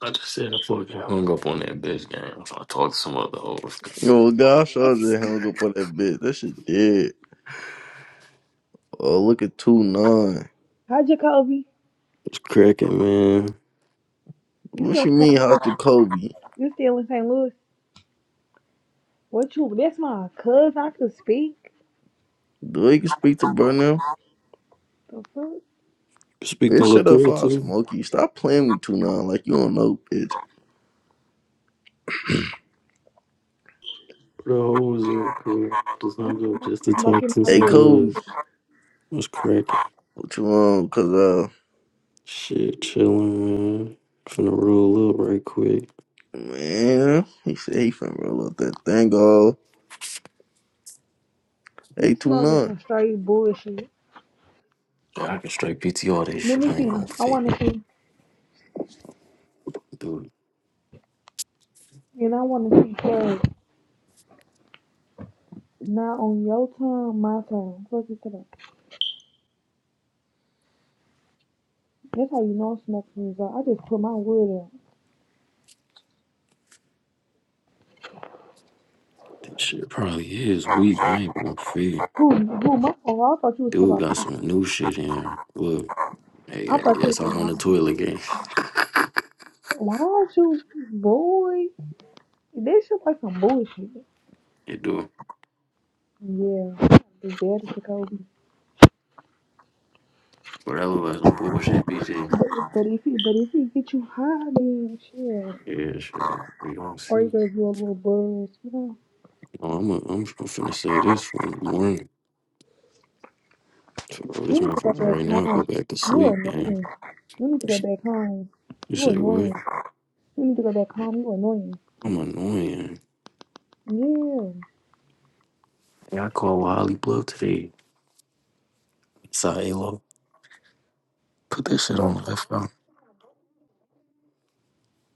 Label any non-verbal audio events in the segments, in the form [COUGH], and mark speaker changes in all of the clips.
Speaker 1: I just said I fucking hung up on that bitch game. I'm trying to talk to some other hoes.
Speaker 2: Yo, gosh, I was just hung up on that bitch. That shit dead. Oh, look at 2 9.
Speaker 3: Hi, Jacoby.
Speaker 1: It's cracking, man.
Speaker 3: You
Speaker 2: What
Speaker 3: still
Speaker 2: you mean, hostile Kobe?
Speaker 3: you still in St. Louis? What you? That's my cousin. I could speak.
Speaker 2: Do you can speak to Burnham?
Speaker 3: The fuck,
Speaker 2: Bitch,
Speaker 1: Speaking look
Speaker 2: shut up,
Speaker 1: good
Speaker 2: I'll
Speaker 1: too.
Speaker 2: smoke you. Stop playing with 2 9 like you don't know, bitch.
Speaker 1: The hoes are cool. Just hung up just to talk
Speaker 3: smoking
Speaker 1: to
Speaker 3: my
Speaker 2: Hey,
Speaker 1: some
Speaker 3: wood.
Speaker 2: Kobe,
Speaker 1: hoes. It's cracking.
Speaker 2: what you want? Cause, uh,
Speaker 1: Shit, chilling, man. Finna roll up right quick.
Speaker 2: man, he said he finna roll up that thing, off.
Speaker 3: He
Speaker 2: Hey, 2
Speaker 3: smoking
Speaker 2: 9.
Speaker 3: some straight bullshit.
Speaker 1: Yeah, I can straight PTR this
Speaker 3: Let
Speaker 1: shit.
Speaker 3: me
Speaker 1: I
Speaker 3: see.
Speaker 1: ain't gonna
Speaker 3: I
Speaker 1: fake
Speaker 3: want to see,
Speaker 1: it, dude.
Speaker 3: and I want to see drugs. Not on your time, my time. Fuck it up. That's how you know I'm smoking is I just put my wood out.
Speaker 1: This shit probably is weak. I ain't gonna fake it.
Speaker 3: Who? Who? My? Oh, I thought you was talking
Speaker 1: Dude got
Speaker 3: about.
Speaker 1: some new shit in. here. Look, hey,
Speaker 3: I
Speaker 1: hey,
Speaker 3: thought you was
Speaker 1: yes, I'm
Speaker 3: talking
Speaker 1: on the
Speaker 3: about.
Speaker 1: toilet game. [LAUGHS]
Speaker 3: Why don't you, boy? This shit like some bullshit.
Speaker 1: It do.
Speaker 3: Yeah, be better, Jacoby.
Speaker 1: But that look like some bullshit, BJ.
Speaker 3: But if he, but if he get you high, then shit.
Speaker 1: Yeah, shit. We don't
Speaker 3: Or he
Speaker 1: see.
Speaker 3: gave do a little buzz, you know.
Speaker 1: Oh, I'm i am i I'm finna say this for in the morning. So, Bro, this
Speaker 3: You need to go
Speaker 1: motherfucker
Speaker 3: back
Speaker 1: right now go
Speaker 3: home.
Speaker 1: back to
Speaker 3: You're
Speaker 1: sleep, man.
Speaker 3: annoying. You need to
Speaker 1: You,
Speaker 3: go
Speaker 1: s-
Speaker 3: back home.
Speaker 1: you
Speaker 3: You're
Speaker 1: say what?
Speaker 3: annoying. You need to go back home. You're annoying.
Speaker 1: I'm annoying.
Speaker 3: Yeah,
Speaker 1: Yeah, I called Holly Bluff today. Sorry, Alo. Put that shit on the left, bro.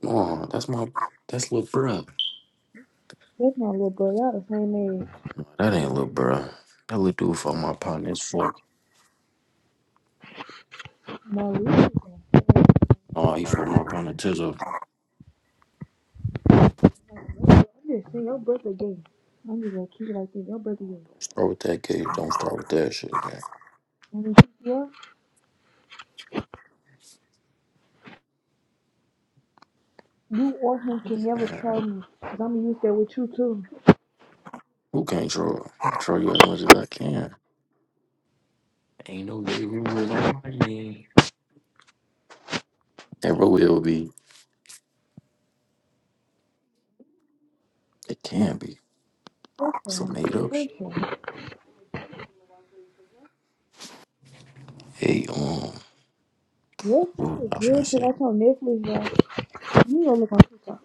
Speaker 1: No, that's my that's little bruh.
Speaker 3: that's my little brother. Y'all the same age.
Speaker 1: That ain't little bruh. That little dude for my partner. It's fuck.
Speaker 3: My little brother.
Speaker 1: Oh, he for my partner Tizzle.
Speaker 3: I'm just saying, your brother gay. I'm just gonna keep it like this. Your brother gay.
Speaker 1: Start with that case. Don't start with that shit again.
Speaker 3: I mean, yeah, you or him can never
Speaker 1: Man,
Speaker 3: try me. Cause I'm gonna use that with you too.
Speaker 1: who can't troll? I can troll you as much as I can. Ain't no gay rumors on my name. Never will be. It can be.
Speaker 3: So,
Speaker 1: Some made up
Speaker 3: for
Speaker 1: shit.
Speaker 3: sure.
Speaker 1: Hey, um,
Speaker 3: Yes, this
Speaker 1: what was
Speaker 3: is
Speaker 1: I was gonna
Speaker 3: good. Cause
Speaker 1: say?
Speaker 3: that's on Netflix, y'all. Let me go look on TikTok.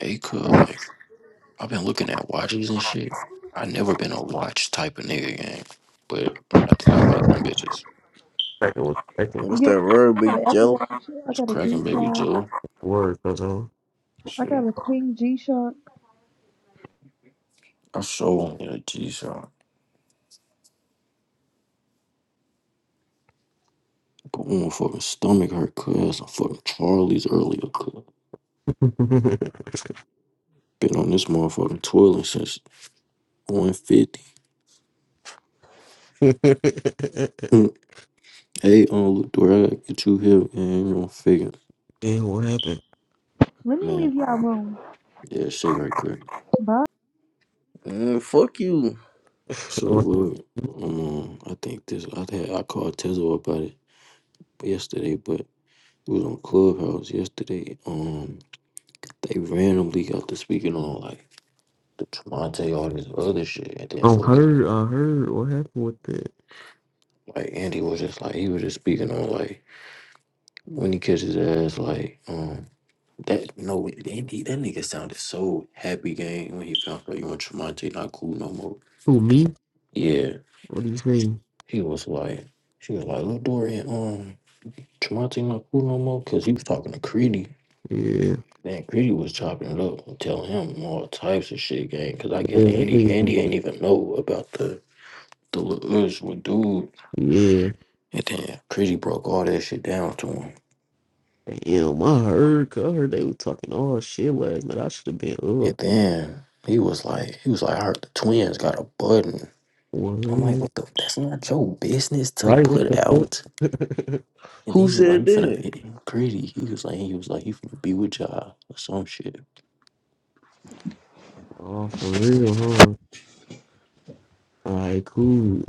Speaker 1: Hey, cool. like I've been looking at watches and shit. I never been a watch type of nigga gang, but I think I like them bitches.
Speaker 4: like it was expecting
Speaker 2: What's
Speaker 3: Get,
Speaker 2: that word,
Speaker 3: I got an
Speaker 2: Big
Speaker 3: Apple
Speaker 2: Joe?
Speaker 3: Watch. I
Speaker 1: Was
Speaker 3: got a
Speaker 1: cracking baby
Speaker 3: G-Tag.
Speaker 1: Jill.
Speaker 4: word, or something.
Speaker 3: I
Speaker 1: Shit,
Speaker 3: got a Queen G-Shock.
Speaker 1: I show on in a G shot. But when my fucking stomach hurt, cuz I fucking Charlie's earlier, cuz
Speaker 4: [LAUGHS]
Speaker 1: been on this motherfucking toilet since 150. hey, um, look do I get you here, and you don't figure,
Speaker 4: Damn, what happened?
Speaker 3: Let me
Speaker 1: man.
Speaker 3: leave y'all room.
Speaker 1: Yeah, shake right quick.
Speaker 3: Bye.
Speaker 2: Mm, fuck you.
Speaker 1: So
Speaker 4: On
Speaker 1: look, um, I think this I think I called Tizzle about it yesterday, but we was on Clubhouse yesterday. Um, they randomly got to speaking on like the Tremonte, all this other shit, and then
Speaker 4: on
Speaker 1: fucking
Speaker 4: her, I heard what happened with that.
Speaker 1: like Andy was just like he was just speaking on like when he catches his ass, like um that no Andy that nigga sounded so happy game when he found out you and Tremonte not cool no more.
Speaker 4: Who me?
Speaker 1: Yeah,
Speaker 4: What do you say?
Speaker 1: he was like she was like, look Dorian, um. Tremonti not cool no more because he was talking to Creedy.
Speaker 4: Yeah,
Speaker 1: Then Creedy was chopping it up and telling him all types of shit, gang. Because I guess
Speaker 4: yeah, that
Speaker 1: Andy
Speaker 4: nigga-
Speaker 1: Andy ain't even know about the the little us with dude.
Speaker 4: yeah.
Speaker 1: And then Creedy broke all that shit down to him.
Speaker 4: Damn, I heard. 'cause I heard they were talking all shit last night. I should have been
Speaker 1: And
Speaker 4: up.
Speaker 1: then he was like, he was like, I heard the twins got a button. I'm like,
Speaker 4: What?
Speaker 1: what the? That's not your business to
Speaker 4: Right? What the
Speaker 1: put
Speaker 4: fuck?
Speaker 1: out. And then
Speaker 2: Who
Speaker 1: he was like,
Speaker 2: said
Speaker 1: he
Speaker 2: that?
Speaker 1: finna Creedy. He was like, he was like, he finna be with y'all or some shit.
Speaker 4: [LAUGHS] oh, for real, huh? All right, cool.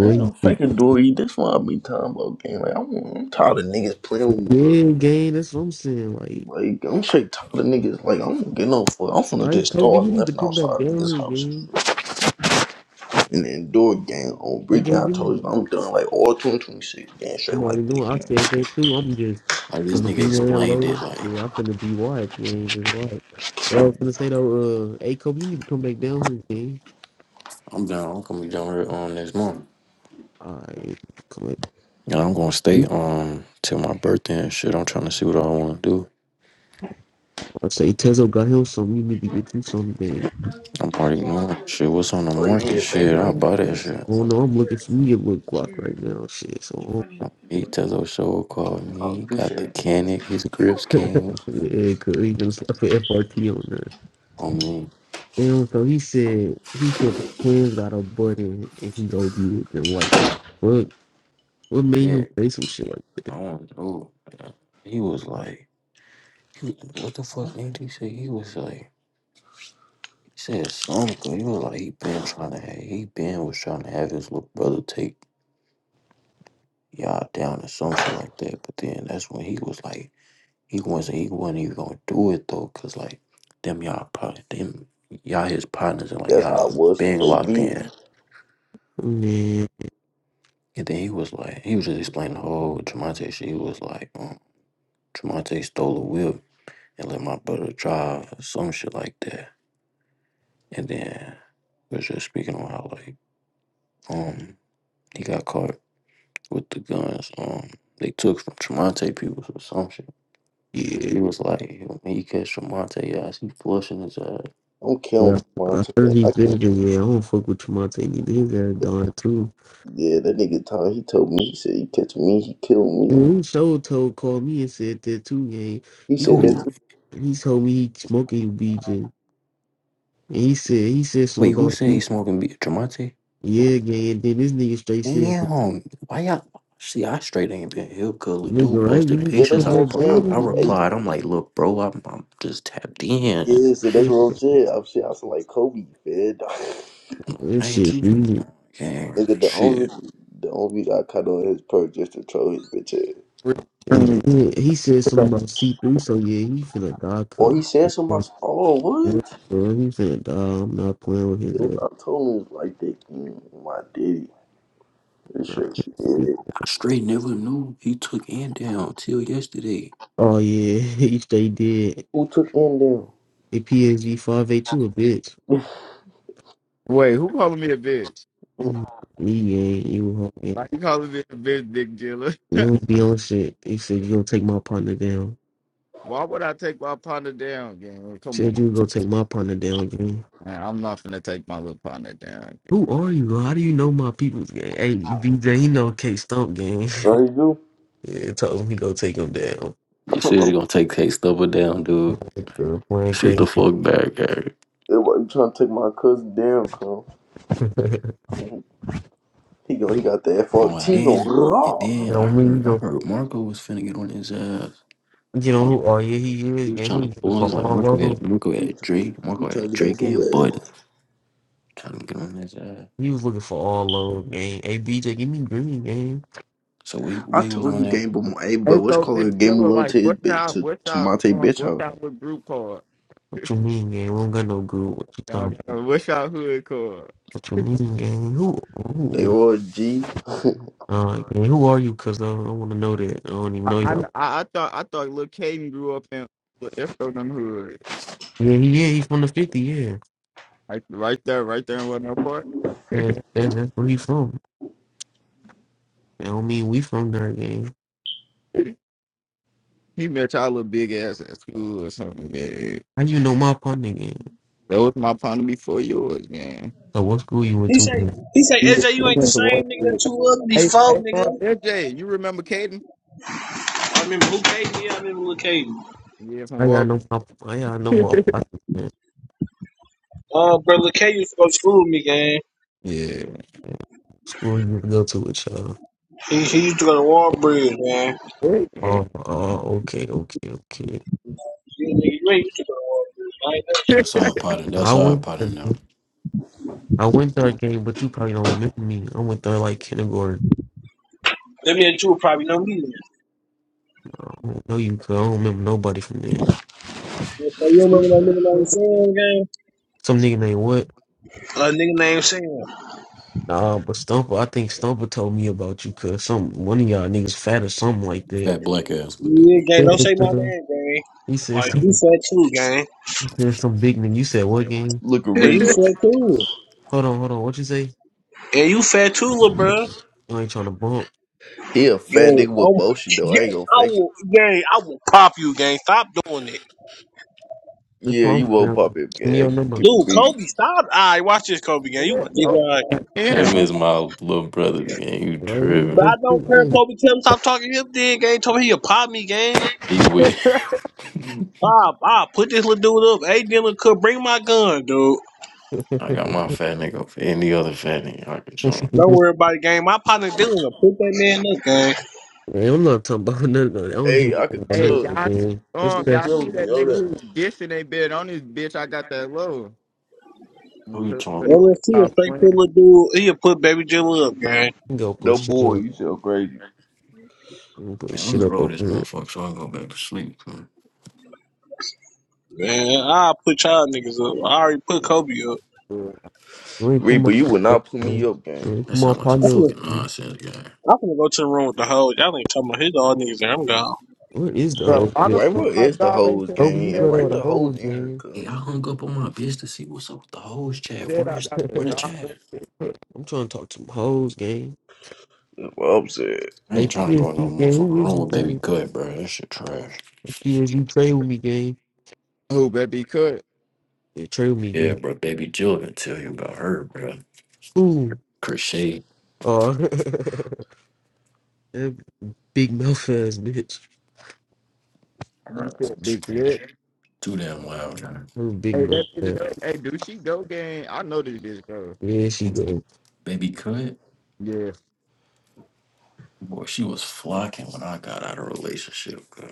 Speaker 2: I ain't no
Speaker 4: Yeah,
Speaker 2: faking dory. That's why I be talking about game. Like, I'm, I'm tired of niggas playing with me, bro.
Speaker 4: gang. That's what I'm saying. Like,
Speaker 2: Like I'm straight tired of niggas. Like I'm going get no fuck. I'm finna
Speaker 4: right,
Speaker 2: just
Speaker 4: Kobe,
Speaker 2: start
Speaker 4: you need to
Speaker 2: left
Speaker 4: come back
Speaker 2: outside
Speaker 4: down
Speaker 2: niggas'
Speaker 4: here,
Speaker 2: houses
Speaker 4: gang.
Speaker 2: and then do a game on
Speaker 4: I
Speaker 2: brick. I
Speaker 4: gave you
Speaker 2: told you I'm done. Like all 2026 game straight
Speaker 4: more
Speaker 2: like
Speaker 4: than
Speaker 2: that
Speaker 4: what I
Speaker 2: game.
Speaker 4: said there too. I'm just
Speaker 1: Like this
Speaker 4: gonna
Speaker 1: nigga
Speaker 4: be there
Speaker 1: explained it
Speaker 4: alone.
Speaker 1: like.
Speaker 4: Yeah, I'm gonna be white. Yeah, just white. But I was gonna say though, uh, hey Kobe, you need to come back down here, man.
Speaker 1: I'm down. I'm gonna be down here on next month.
Speaker 4: Alright, come
Speaker 1: And I'm gonna stay
Speaker 4: on.
Speaker 1: um till my birthday and shit. I'm trying to see what I wanna do.
Speaker 4: I say Tezo got him some. You need to get you some, man.
Speaker 1: I'm already knowing shit. What's on the
Speaker 2: Oh
Speaker 1: market
Speaker 2: yeah, thank
Speaker 1: shit?
Speaker 2: God
Speaker 1: I'll
Speaker 2: you
Speaker 1: buy that
Speaker 2: said
Speaker 4: I
Speaker 2: something.
Speaker 1: shit.
Speaker 4: don't know. I'm looking for me a little Glock right now. Shit, so
Speaker 1: Um, He Tezo Show called
Speaker 2: I
Speaker 1: me. He got
Speaker 2: appreciate
Speaker 1: the
Speaker 2: it. T.
Speaker 1: canic. His grips
Speaker 4: um,
Speaker 1: came
Speaker 4: [LAUGHS] yeah, cause he been an FRT on there.
Speaker 1: on me.
Speaker 4: And so he said, he said the twins got a button and he go be with them. Like, what? What made
Speaker 1: Yeah,
Speaker 4: him say some shit like,
Speaker 1: I want to do. He was like, he was, what the fuck, Andy said? He was like, he said something. 'cause He was like, he been trying to, have, he been was trying to have his little brother take y'all down or some shit like that. But then that's when he was like, He wasn't. He wasn't even gonna do it though, cause like them y'all probably them y'all his partners and like
Speaker 2: That's how
Speaker 1: y'all
Speaker 2: I was for
Speaker 1: big locked
Speaker 2: JB.
Speaker 1: in.
Speaker 4: that? man?
Speaker 1: And then he was like, he was just explaining the whole Tremonte shit. He was like, um, Tremonte stole a whip and let my brother drive or some shit like that. And then he was just speaking on how like um he got caught with the guns um they took from Tremonte people or some shit.
Speaker 4: Yeah.
Speaker 1: He was like, when he catch Tremonte ass, he flushing his ass.
Speaker 2: I'm killing
Speaker 4: Yeah.
Speaker 2: Devon
Speaker 4: I heard
Speaker 2: today.
Speaker 4: he
Speaker 2: I can't.
Speaker 4: visiting, yeah, I don't fuck with Tremonte neither. His ass gone too.
Speaker 2: Yeah, that nigga Tom. He told me. He said he catch me. He killed
Speaker 4: Well,
Speaker 2: me.
Speaker 4: who show told called me and said that too, gang.
Speaker 2: He
Speaker 4: He
Speaker 2: said
Speaker 4: put,
Speaker 2: that.
Speaker 1: Dude,
Speaker 2: Too.
Speaker 4: he told me he smoking BJ. And he said he said
Speaker 1: Wait,
Speaker 4: something
Speaker 1: who
Speaker 4: about
Speaker 1: said he
Speaker 4: food.
Speaker 1: smoking beat? Jamante?
Speaker 4: yeah, gang, and then this nigga straight says,
Speaker 1: Damn. Why y'all? See, I straight ain't been here because dude
Speaker 4: nigga, right, you
Speaker 1: posted
Speaker 4: need
Speaker 2: Yeah,
Speaker 4: to
Speaker 2: that's
Speaker 1: pictures.
Speaker 4: come
Speaker 2: what
Speaker 1: I,
Speaker 2: I'm
Speaker 4: back
Speaker 1: pro-
Speaker 4: down,
Speaker 1: I
Speaker 2: saying.
Speaker 1: I
Speaker 2: You eight
Speaker 4: man.
Speaker 1: replied. I'm like, look, bro, I'm, I'm just tapped in.
Speaker 2: and That's
Speaker 4: And,
Speaker 2: what I'm saying. I'm saying. I sound like Kobe. Fed. [LAUGHS]
Speaker 4: and
Speaker 1: I ain't
Speaker 4: shit,
Speaker 1: you.
Speaker 4: really.
Speaker 1: Yeah,
Speaker 2: Nigga, the only
Speaker 1: shit.
Speaker 2: the only guy cut on his perk just to troll his bitch ass.
Speaker 5: Wait,
Speaker 4: And then he said something about C three, so yeah, he finna die
Speaker 2: Or
Speaker 4: cup.
Speaker 2: he said
Speaker 4: He
Speaker 2: somebody. Oh, what?
Speaker 4: finna die. I'm not playing with
Speaker 2: If
Speaker 4: his
Speaker 2: I told him it's like that, mm, my daddy. This shit.
Speaker 4: ass.
Speaker 2: Yeah.
Speaker 1: I straight never knew he took and down till yesterday.
Speaker 4: Oh yeah, [LAUGHS] he straight dead.
Speaker 2: Who took him down?
Speaker 4: A PSG five eight two a bitch.
Speaker 5: who calling me a bitch?
Speaker 2: Mm.
Speaker 4: Mm. Me ain't you ain't-
Speaker 5: Why you calling me a bitch, big dealer?
Speaker 4: you don't be on shit. He said you gonna take my partner down.
Speaker 5: Why would I take my partner down, gang? Come on,
Speaker 4: Said you gonna take my partner down, gang.
Speaker 5: man. I'm not finna take my little partner down.
Speaker 4: Who are you? How do you know my people's gang? Hey, BJ, he know K Stump gang.
Speaker 2: Right, you?
Speaker 4: [LAUGHS] yeah, told him he gonna take him down.
Speaker 1: You said you're gonna take K Stubber down, dude.
Speaker 4: Girl, playing
Speaker 1: Shit the
Speaker 4: crazy.
Speaker 1: fuck back, Gary.
Speaker 2: It wasn't trying to take my cousin down, cuz.
Speaker 4: [LAUGHS] you
Speaker 2: He go, he got the
Speaker 1: Oh, and
Speaker 2: FRT on
Speaker 1: then and
Speaker 2: raw.
Speaker 1: then
Speaker 4: know
Speaker 1: I
Speaker 4: me, you
Speaker 1: heard I
Speaker 4: go.
Speaker 1: heard Marco was finna get on his ass.
Speaker 4: You know who? Oh yeah, he
Speaker 1: He
Speaker 4: is
Speaker 1: was
Speaker 4: Man, He
Speaker 1: trying to
Speaker 4: was looking
Speaker 1: pull
Speaker 4: for
Speaker 1: He's like,
Speaker 4: all
Speaker 1: Marco
Speaker 4: lows.
Speaker 1: had Marco had Drake,
Speaker 2: He
Speaker 1: Marco
Speaker 2: trying
Speaker 1: had
Speaker 2: to get on
Speaker 1: Drake
Speaker 2: who
Speaker 1: and
Speaker 2: ass.
Speaker 1: Bud. Trying to get on his ass.
Speaker 4: He was looking for all lows, gang. Hey BJ, give me green, game.
Speaker 1: So we
Speaker 2: I
Speaker 1: we was
Speaker 2: told
Speaker 1: on
Speaker 2: you
Speaker 1: that.
Speaker 2: game, but my hey, but
Speaker 5: Hey,
Speaker 2: what's
Speaker 5: so
Speaker 2: calling
Speaker 5: big
Speaker 2: it? Game
Speaker 5: dealer,
Speaker 2: low
Speaker 5: like,
Speaker 2: to his
Speaker 5: what's
Speaker 2: bitch
Speaker 5: y'all,
Speaker 2: to
Speaker 5: what's
Speaker 2: to
Speaker 5: y'all,
Speaker 2: Monte
Speaker 5: um,
Speaker 2: bitch
Speaker 5: what's
Speaker 2: house.
Speaker 5: y'all with group called?
Speaker 4: What you mean, gang? We don't got no good. What you
Speaker 5: Y'all
Speaker 4: talking?
Speaker 5: got- What's y'all hood called?
Speaker 4: What you mean, gang? Who?
Speaker 2: They
Speaker 4: who
Speaker 2: all G.
Speaker 4: uh, gang, who are you? Cause I, I want to know that. I don't even
Speaker 5: I,
Speaker 4: know
Speaker 5: I,
Speaker 4: you.
Speaker 5: I I thought, I thought little Caden grew up in little Ifto them hood,
Speaker 4: Yeah, he- yeah, he's from the fifty. Yeah,
Speaker 5: right, right there, right there in Wetmore Park.
Speaker 4: that's, that's that's where he from. I don't mean we from there, gang.
Speaker 5: He met y'all little big ass at school or something, man.
Speaker 4: How you know my partner, gang?
Speaker 5: That was my partner before yours, man.
Speaker 4: So what school you went
Speaker 6: He
Speaker 4: to?
Speaker 6: say,
Speaker 4: Man?
Speaker 6: he say,
Speaker 5: You
Speaker 6: SJ, you ain't the
Speaker 5: remember the Wall
Speaker 6: same nigga
Speaker 5: Street.
Speaker 6: that you was
Speaker 5: Hey,
Speaker 6: before,
Speaker 5: hey, on
Speaker 6: nigga.
Speaker 5: LJ, you remember Caden?
Speaker 6: I remember Luke Cage, yeah, I remember Luke Cage.
Speaker 5: Yeah, from
Speaker 4: I y'all
Speaker 5: Wall
Speaker 4: know my I y'all know
Speaker 5: Street. [LAUGHS]
Speaker 4: my partner, man.
Speaker 6: Uh, bro, Luke Cage used to go to school with me, gang.
Speaker 5: yeah.
Speaker 4: School you go to with y'all.
Speaker 6: He, he used to go to Warbridge, man.
Speaker 5: Wait, man.
Speaker 4: Oh, oh, okay, okay, okay.
Speaker 6: You, nigga, you ain't used to go to Warbridge. I ain't never seen
Speaker 5: [LAUGHS]
Speaker 1: That's our partner.
Speaker 4: I
Speaker 1: That's our
Speaker 4: went,
Speaker 1: partner
Speaker 4: to-
Speaker 1: now.
Speaker 4: I went there, gang, but you probably don't remember me. I went there like kindergarten.
Speaker 6: That mean that you would probably know me then.
Speaker 4: I don't know you, cause I don't remember nobody from there.
Speaker 6: So you don't remember that nigga named
Speaker 4: Some nigga named what?
Speaker 6: Sam, gang? A nigga named Sam.
Speaker 4: Nah, but Stumper, I think Stumper told me about you, cause some one of y'all niggas fat or something like that.
Speaker 1: Fat black ass with
Speaker 6: Yeah,
Speaker 1: dude.
Speaker 6: gang,
Speaker 4: Yeah,
Speaker 6: don't say my
Speaker 4: cuz.
Speaker 6: name, gang.
Speaker 4: He said
Speaker 6: Like,
Speaker 4: some,
Speaker 6: you
Speaker 4: he
Speaker 6: fat too, gang.
Speaker 4: said some big nigga. You said what game?
Speaker 2: Look at
Speaker 6: And you
Speaker 2: Reba.
Speaker 6: fat too.
Speaker 4: Hold on, hold on. What you say?
Speaker 6: And you fat too, little bro.
Speaker 4: I ain't trying to bump.
Speaker 2: He a fat
Speaker 6: Gang,
Speaker 2: nigga with
Speaker 6: oh,
Speaker 2: bullshit though. I ain't
Speaker 6: gang,
Speaker 2: gonna
Speaker 6: I
Speaker 2: fake it.
Speaker 6: will, gang, I will pop you, gang. Stop doing it,
Speaker 4: That's
Speaker 2: Yeah,
Speaker 4: what
Speaker 2: you
Speaker 4: I'm
Speaker 2: woke pop
Speaker 4: saying.
Speaker 2: up,
Speaker 4: Give me your
Speaker 2: gang.
Speaker 4: number.
Speaker 2: Can
Speaker 6: dude.
Speaker 2: be.
Speaker 6: Kobe, stop. All right, watch this, Kobe, gang. You
Speaker 5: Yeah,
Speaker 6: want
Speaker 5: oh,
Speaker 6: to right.
Speaker 1: That
Speaker 5: Damn.
Speaker 1: means my little brother gang. You
Speaker 4: Like, who the
Speaker 6: But
Speaker 1: tripping?
Speaker 6: I
Speaker 4: fuck you?
Speaker 6: don't care, if
Speaker 4: Hey.
Speaker 6: Kobe. Tell him stop talking to him, then, gang. Told me he'll pop me, gang.
Speaker 1: He with. [LAUGHS]
Speaker 6: Pop, pop. Put this little dude up. Hey, Dylan, could bring my gun, dude.
Speaker 1: I got my fat nigga for any other fat nigga I can join.
Speaker 6: Don't worry about it, gang. My partner Dylan will put that man up, gang.
Speaker 4: [LAUGHS] Man, I'm not talking about [LAUGHS] nothing. I don't give a
Speaker 2: Hey, I
Speaker 4: fuck
Speaker 2: could
Speaker 4: about
Speaker 5: Hey,
Speaker 2: tell.
Speaker 4: nothing,
Speaker 5: y'all,
Speaker 4: man. What's
Speaker 5: um,
Speaker 2: Big
Speaker 4: that?
Speaker 5: y'all
Speaker 4: You
Speaker 2: Joe,
Speaker 5: see that
Speaker 2: yo,
Speaker 5: nigga
Speaker 2: that.
Speaker 5: who was dissing they bid on this bitch? I got that low. And
Speaker 1: Who you
Speaker 5: so- so
Speaker 1: talking
Speaker 5: he
Speaker 1: about?
Speaker 6: LST will
Speaker 5: started
Speaker 6: straight put
Speaker 5: playing.
Speaker 6: little dude. He'll put baby Dylan up, gang.
Speaker 4: can go put
Speaker 2: No
Speaker 4: shit up.
Speaker 2: boy,
Speaker 4: You
Speaker 2: you so crazy.
Speaker 4: can Put
Speaker 1: Man, let
Speaker 4: shit
Speaker 1: me
Speaker 4: up
Speaker 1: roll
Speaker 4: over
Speaker 1: this
Speaker 4: here.
Speaker 1: motherfucker so I can go back to sleep. Man.
Speaker 6: Man, I'll put y'all niggas up. I already put Kobe up.
Speaker 5: Bro,
Speaker 4: I ain't put
Speaker 2: Reaper,
Speaker 4: my,
Speaker 2: you will not put me
Speaker 4: man.
Speaker 2: up,
Speaker 4: I
Speaker 2: gang.
Speaker 4: ain't
Speaker 1: That
Speaker 4: put my
Speaker 1: sound like some
Speaker 6: I'm
Speaker 4: partner up,
Speaker 6: finna,
Speaker 1: fucking
Speaker 4: man.
Speaker 1: nonsense, guy.
Speaker 6: I'm finna go to the room with the hoe. Y'all ain't talking about his all niggas there. I'm gone.
Speaker 4: What is the
Speaker 2: If
Speaker 4: whole
Speaker 5: why
Speaker 4: shit?
Speaker 5: the
Speaker 2: Rival
Speaker 5: fuck my
Speaker 2: is the
Speaker 5: job ain't
Speaker 2: hoes,
Speaker 5: sent
Speaker 4: Over
Speaker 5: me
Speaker 2: gang,
Speaker 4: you go
Speaker 5: that
Speaker 4: there
Speaker 2: invite
Speaker 4: with
Speaker 5: bitch?
Speaker 4: a
Speaker 2: the hoes
Speaker 4: hoes
Speaker 2: in here,
Speaker 4: game.
Speaker 2: cuz.
Speaker 1: Hey, I hung up on my bitch to see what's up with the hoes chat.
Speaker 5: Said
Speaker 1: Where
Speaker 5: I
Speaker 1: is
Speaker 5: got the
Speaker 1: where the
Speaker 5: job.
Speaker 1: chat?
Speaker 4: I'm trying to talk to some hoes game.
Speaker 2: That's what I'm saying.
Speaker 1: I
Speaker 4: Hey
Speaker 1: ain't trying to go in no
Speaker 4: PSG game,
Speaker 1: motherfucking
Speaker 4: who is
Speaker 1: room
Speaker 4: you
Speaker 1: with Baby
Speaker 4: game?
Speaker 1: Cut, bro. That shit trash.
Speaker 4: PSG trade with me game.
Speaker 5: Who bet be cut?
Speaker 4: Yeah, trade with me
Speaker 1: Yeah,
Speaker 4: game.
Speaker 1: bro. Baby Jill been tell you about her, bro.
Speaker 4: Ooh,
Speaker 1: Crochet.
Speaker 4: Oh, [LAUGHS] that big mouth ass bitch.
Speaker 5: You
Speaker 1: Her.
Speaker 5: said big dick.
Speaker 1: Too damn loud, man.
Speaker 4: Her big
Speaker 5: Hey,
Speaker 4: mouth
Speaker 5: that bitch,
Speaker 4: ass.
Speaker 5: hey, hey, do she go game? I know this bitch go.
Speaker 4: Yeah, she go.
Speaker 1: Baby Cut.
Speaker 5: Yeah.
Speaker 1: Boy, she was flocking when I got out of a relationship. Bro.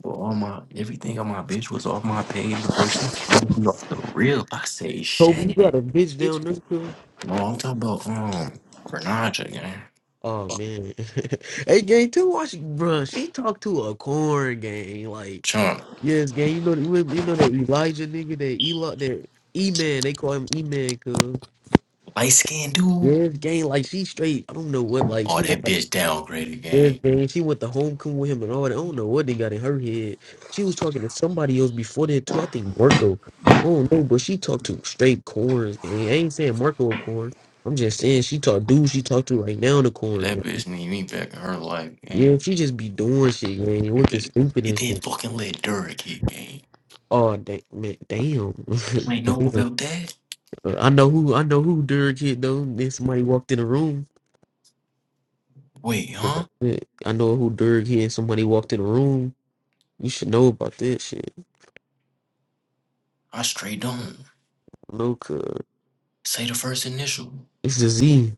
Speaker 1: Boy, all my everything on my bitch was off my page. Boy, she told me off the rip. I say
Speaker 4: Kobe, you
Speaker 1: shit.
Speaker 4: got a bitch
Speaker 1: Bitch.
Speaker 4: down there, cuz?
Speaker 1: No, I'm talking about um Renaja, gang.
Speaker 4: Oh man. [LAUGHS] hey gang, too watch bruh. She talked to a corn gang. Like,
Speaker 1: Chunk.
Speaker 4: yes, gang, you know you, you know that Elijah nigga, that Eli that E Man, they call him E Man,
Speaker 1: Light skinned dude.
Speaker 4: Viv gang, like she straight. I don't know what, like
Speaker 1: Oh,
Speaker 4: she went
Speaker 1: that
Speaker 4: to
Speaker 1: bitch downgraded, gang.
Speaker 4: Viv gang. She went to homecoming with him and all that. I don't know what they got in her head. She was talking to somebody else before that too. I think Marco. I don't know, but she talked to straight corns. Gang. I ain't saying Marco a corn. I'm just saying she talked dude she talked to right now in the corn.
Speaker 1: That
Speaker 4: Gang.
Speaker 1: bitch need me back in her life,
Speaker 4: Yeah,
Speaker 1: gang.
Speaker 4: she just be doing shit, man,
Speaker 1: That
Speaker 4: looking
Speaker 1: bitch-
Speaker 4: stupid
Speaker 1: It
Speaker 4: and
Speaker 1: didn't
Speaker 4: shit.
Speaker 1: fucking let Dura hit gang.
Speaker 4: Oh da- man, damn. [LAUGHS]
Speaker 1: You ain't know
Speaker 4: damn.
Speaker 1: about that?
Speaker 4: I know who I know who Dirk hit though. Then somebody walked in the room.
Speaker 1: Wait, huh?
Speaker 4: I know who Dirk hit. Somebody walked in the room. You should know about that shit.
Speaker 1: I straight don't.
Speaker 4: No, cuz.
Speaker 1: Say the first initial.
Speaker 4: It's the Z.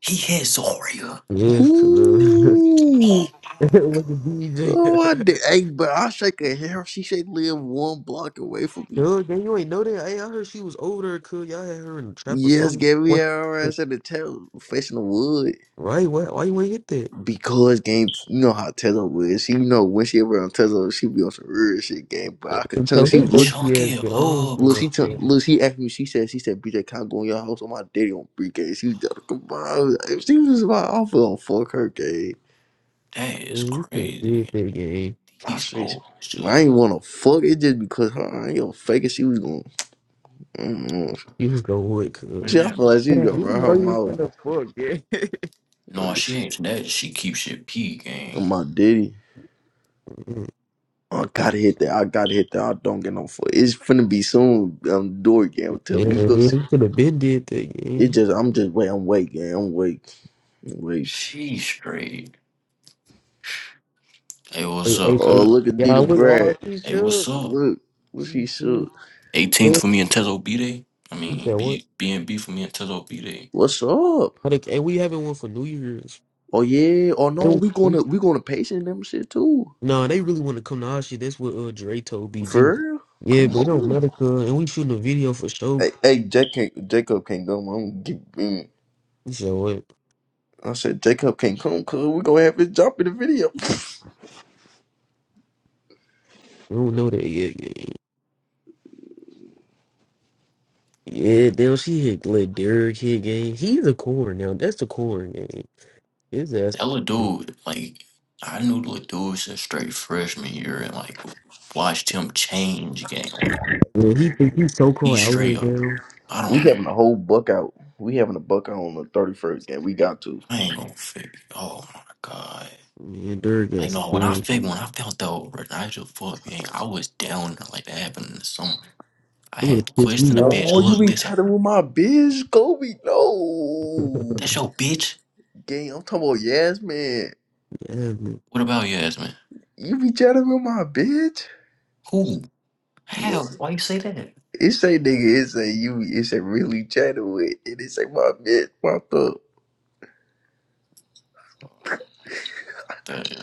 Speaker 1: He had Zarya.
Speaker 4: Yes, cuz. [LAUGHS]
Speaker 1: Bitch.
Speaker 2: Ooh.
Speaker 1: Oh,
Speaker 4: With the
Speaker 2: Oh, I did.
Speaker 4: DJ.
Speaker 2: Hey, but I shake her hair. She should live one block away from
Speaker 4: [LAUGHS]
Speaker 2: me.
Speaker 4: Yo, gang, you ain't know that? Hey, I heard she was older, cuz. Y'all had her in the trap or
Speaker 2: Yes,
Speaker 4: something.
Speaker 2: gave me
Speaker 4: What?
Speaker 2: her ass at the tail, facing the wood.
Speaker 4: Right? Why, why you ain't hit that?
Speaker 2: because game, you know how Tezo is. She, you know, when she ever on Tezo, she be on some real shit game. But I could
Speaker 4: And
Speaker 2: tell
Speaker 4: So
Speaker 2: she
Speaker 4: his
Speaker 2: was look,
Speaker 1: chuck
Speaker 4: dusty ass
Speaker 1: it
Speaker 4: get on
Speaker 1: up,
Speaker 2: look,
Speaker 4: for us,
Speaker 2: she tell,
Speaker 4: cuz.
Speaker 1: cuz.
Speaker 2: look, she asked me. She said, she said, BJ, can I go in your house on my daddy on three K? She just come on. If she was my offer on fuck her gay,
Speaker 1: That is
Speaker 4: Mm, You should have did
Speaker 1: crazy.
Speaker 4: that game.
Speaker 2: I
Speaker 1: He's
Speaker 2: say,
Speaker 1: old
Speaker 2: I
Speaker 1: shit.
Speaker 2: ain't wanna fuck it just because her. I ain't gonna fake it. She was gonna. Mm-mm.
Speaker 4: You was going with, win,
Speaker 1: Man,
Speaker 4: cuz.
Speaker 2: She, I
Speaker 1: that.
Speaker 2: feel like she's gonna
Speaker 5: Man, you
Speaker 2: run
Speaker 5: know
Speaker 2: her
Speaker 5: you
Speaker 2: mouth.
Speaker 5: from the book, yeah. [LAUGHS]
Speaker 1: No,
Speaker 2: Or
Speaker 1: she
Speaker 2: she-
Speaker 1: ain't that. She keeps shit P,
Speaker 2: On
Speaker 1: gang.
Speaker 2: my daddy.
Speaker 4: Mm,
Speaker 2: I gotta hit that. I gotta hit that. I don't get no fuck. It's finna be soon. Um, door game. I'm
Speaker 4: Yeah,
Speaker 2: telling you.
Speaker 4: you should have been did that
Speaker 2: It
Speaker 4: game.
Speaker 2: just I'm just wait, I'm wake, yeah, I'm wake. I'm wake.
Speaker 1: She straight. Hey, what's
Speaker 4: Hey,
Speaker 1: up,
Speaker 4: hey,
Speaker 2: Oh
Speaker 1: cuz?
Speaker 4: hey.
Speaker 2: look at Dita
Speaker 4: Y'all, we all
Speaker 2: Brad.
Speaker 4: she
Speaker 1: Hey, what's
Speaker 4: should.
Speaker 1: up?
Speaker 2: Look, what
Speaker 4: She
Speaker 2: she
Speaker 4: should.
Speaker 2: shook.
Speaker 1: 18th for
Speaker 4: You
Speaker 1: me and Tezo B Day. I mean,
Speaker 4: said what?
Speaker 1: B and B for me and Tezo B Day.
Speaker 2: What's up?
Speaker 4: Like, and we having one for New Year's.
Speaker 2: Oh yeah, oh no,
Speaker 4: No,
Speaker 2: we gonna we gonna patient them shit too.
Speaker 4: nah, they really want to come to our shit. That's what uh, Dre told
Speaker 2: For
Speaker 4: BG.
Speaker 2: real?
Speaker 4: Yeah,
Speaker 2: Come
Speaker 4: but it don't
Speaker 2: on.
Speaker 4: matter, cuz. And we shooting a video for show.
Speaker 2: Hey, hey Jack can't, Jacob can't come. I'm give mm.
Speaker 4: So what?
Speaker 2: I said Jacob can't come cause we gonna have his jump in the video.
Speaker 4: We don't know that yet. gang. Yeah, Yeah, damn, she hit let Derek hit game. He's a corn now. That's the corn game. His ass.
Speaker 1: That little dude, like, I knew the little dude since straight freshman year and, like, watched him change game. Like,
Speaker 4: Man, he think he's so
Speaker 1: he
Speaker 4: called out here
Speaker 1: straight up,
Speaker 4: now.
Speaker 1: I
Speaker 2: We
Speaker 1: don't know.
Speaker 2: having a whole buck out. We having a buck out on the thirty first game. We got to.
Speaker 1: I ain't gonna fake it. Oh my God.
Speaker 4: Man, Derek
Speaker 1: Like,
Speaker 4: ass a
Speaker 1: no, when
Speaker 4: core.
Speaker 1: I
Speaker 4: It
Speaker 1: figured, when I felt that old Nigel fuck gang, I was down there like that happened in the summer. I
Speaker 4: would
Speaker 1: had to
Speaker 4: have pissed
Speaker 1: question the
Speaker 4: me off.
Speaker 1: bitch.
Speaker 2: Oh, you
Speaker 1: Look,
Speaker 4: Man.
Speaker 2: ain't
Speaker 1: this, I,
Speaker 2: telling with my biz, Kobe.
Speaker 4: [LAUGHS]
Speaker 2: No.
Speaker 1: that's your bitch?
Speaker 2: Gang, I'm talking about Yasmin.
Speaker 4: yeah, man.
Speaker 1: What about your ass, man?
Speaker 2: You be chatting with my bitch?
Speaker 1: Who?
Speaker 2: You,
Speaker 1: How? Why you say that?
Speaker 2: it say nigga, it say you, it say really chatting with, and it say my bitch popped up.
Speaker 1: The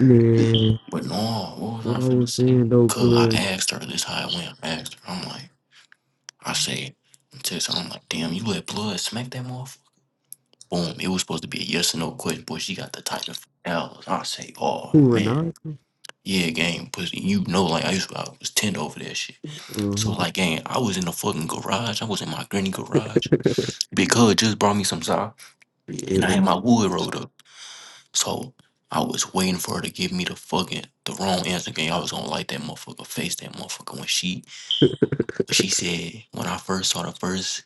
Speaker 4: man,
Speaker 1: But no, what was I
Speaker 4: what I
Speaker 1: finna
Speaker 4: was
Speaker 1: say?
Speaker 4: saying though,
Speaker 1: Cause I
Speaker 4: cuz.
Speaker 1: asked her this how it went. I asked her, I'm like, I say, I text her, I'm like, damn, you let blood smack that motherfucker. Boom. It was supposed to be a yes or no question, boy. She got the type of hours. I say, oh
Speaker 4: Who or not?
Speaker 1: man, yeah, gang, pussy. You know, like I used to, I was tender over that shit. So
Speaker 4: Uh-huh.
Speaker 1: like, gang, I was in the fucking garage. I was in my granny garage. Cuz just brought me some sock,
Speaker 4: [LAUGHS]
Speaker 1: and I
Speaker 4: yeah.
Speaker 1: had my wood rolled up. So I was waiting for her to give me the fucking the wrong answer game. I was gonna like that motherfucker face that motherfucker when she when she said when I first saw the first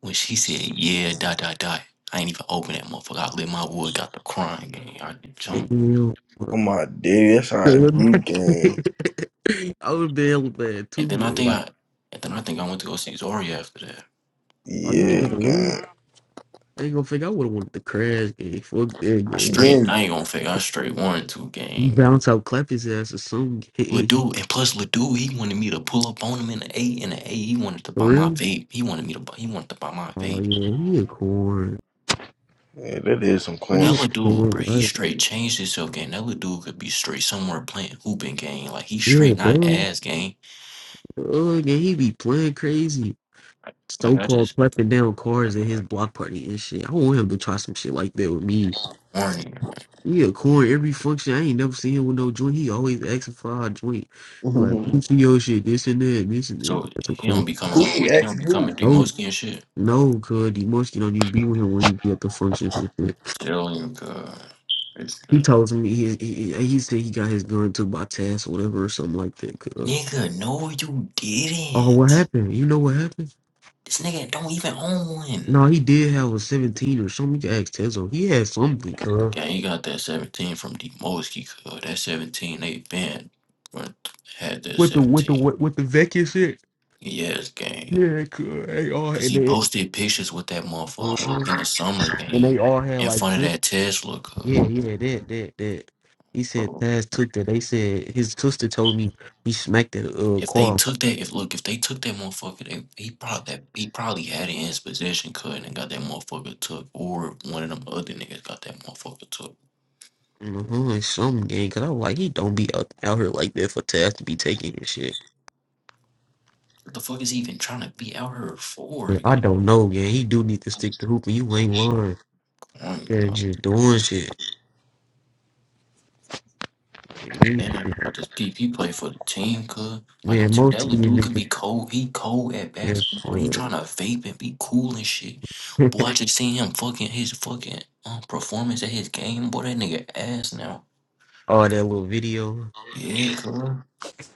Speaker 1: when she said yeah dot dot dot. I ain't even open that motherfucker. I lit my wood, got the crying game. I did jump.
Speaker 4: Damn.
Speaker 2: Oh my dude, that's how it be, gang.
Speaker 4: [LAUGHS] I was down bad
Speaker 1: And
Speaker 4: two
Speaker 1: then I
Speaker 4: games.
Speaker 1: think
Speaker 4: Like,
Speaker 1: I and then I think I went to go see Zori after that.
Speaker 4: are you
Speaker 2: Yeah,
Speaker 4: even gonna lose?
Speaker 2: gang.
Speaker 4: I ain't gonna think I would have wanted the crash game. Fuck that
Speaker 1: I
Speaker 4: game.
Speaker 1: straight
Speaker 2: Gang.
Speaker 1: I ain't gonna fake I straight one two
Speaker 4: You
Speaker 1: game.
Speaker 4: bounce out, clap his ass or some game.
Speaker 1: Ledoux and plus Ledoux, he wanted me to pull up on him in the A in the A. He wanted to
Speaker 4: [LAUGHS] For
Speaker 1: buy my
Speaker 4: real?
Speaker 1: vape. He wanted me to buy he wanted to buy my
Speaker 4: Oh
Speaker 1: vape.
Speaker 4: yeah, he a corn.
Speaker 2: Yeah, that is some
Speaker 1: Bro,
Speaker 2: corn
Speaker 1: that
Speaker 4: He a
Speaker 1: little
Speaker 2: shit.
Speaker 1: dude, bro,
Speaker 4: corn,
Speaker 1: he
Speaker 4: right?
Speaker 1: straight changed himself game. That little dude could be straight somewhere playing hooping game. Like he
Speaker 4: Yeah,
Speaker 1: straight not
Speaker 4: dog.
Speaker 1: ass game.
Speaker 4: Oh yeah, he be playing crazy.
Speaker 1: Like like,
Speaker 4: So
Speaker 1: I
Speaker 4: called
Speaker 1: just
Speaker 4: clapping down cars in his block party and shit. I want him to try some shit like that with me.
Speaker 1: corny.
Speaker 4: He a corn every function. I ain't never seen him with no joint. He always asking for a joint.
Speaker 2: [LAUGHS]
Speaker 4: He Like,
Speaker 2: who
Speaker 4: function your shit, this and that, this and this.
Speaker 1: So
Speaker 4: That's a
Speaker 1: he don't
Speaker 4: corn.
Speaker 1: be coming with the, he
Speaker 2: asked
Speaker 1: don't be
Speaker 2: who?
Speaker 1: coming through
Speaker 4: No,
Speaker 1: Moski and shit.
Speaker 4: no, cuz the monkey don't even be with him when he be at the function.
Speaker 1: Tell him, God. It's
Speaker 4: He
Speaker 1: good.
Speaker 4: told me he, he he said he got his gun took by Taz or whatever or something like that. Cuz.
Speaker 1: Nigga, no, you
Speaker 4: Oh, what
Speaker 1: didn't.
Speaker 4: happened? You know what happened?
Speaker 1: This nigga don't even own one.
Speaker 4: No, he did have a seventeen or something. You can ask Tezo. He had something, cuz.
Speaker 1: Gang, he got that 17 from the Moski. cuz. That 17, they banned. had that
Speaker 4: With the with the
Speaker 1: 17.
Speaker 4: with with the Vecchia shit.
Speaker 1: Yes, gang.
Speaker 4: Yeah, cuz. They all
Speaker 1: Cause
Speaker 4: and
Speaker 1: he
Speaker 4: they
Speaker 1: posted pictures with that motherfucker
Speaker 4: uh-huh.
Speaker 1: in the summer
Speaker 4: and they
Speaker 1: game
Speaker 4: all had
Speaker 1: in
Speaker 4: like
Speaker 1: front of that Tesla cuz,
Speaker 4: Yeah, yeah, that, that, that. He said
Speaker 1: bro.
Speaker 4: Taz took that. They said his sister told me he smacked that uh
Speaker 1: If they
Speaker 4: car
Speaker 1: took that, if look, if they took that motherfucker, they, he probably that he probably had it in his possession, cuz, and got that motherfucker took, or one of them other niggas got that motherfucker took.
Speaker 4: in the hood some gang. Cause I was like, he don't be out, out here like that for Taz to be taking his shit.
Speaker 1: What the fuck is he even trying to be out here for
Speaker 4: Yeah, I
Speaker 1: again?
Speaker 4: don't know, gang. He do need to stick to hooping. You ain't lying.
Speaker 1: Come
Speaker 4: Yeah,
Speaker 1: on,
Speaker 4: just doing shit. Man, these-
Speaker 1: Man,
Speaker 4: niggas-
Speaker 1: I just PP play for the team, cuz. Like, I'm
Speaker 4: man,
Speaker 1: t- that
Speaker 4: most of
Speaker 1: little
Speaker 4: these
Speaker 1: dude can
Speaker 4: niggas,
Speaker 1: be cold. He cold at basketball. He trying
Speaker 4: yeah,
Speaker 1: to vape and be cool and shit.
Speaker 4: uh,
Speaker 1: Boy,
Speaker 4: [LAUGHS]
Speaker 1: I just seen him fucking his fucking um, performance at his game. Boy, that nigga ass now.
Speaker 4: all that little video.
Speaker 1: Yeah, cuz.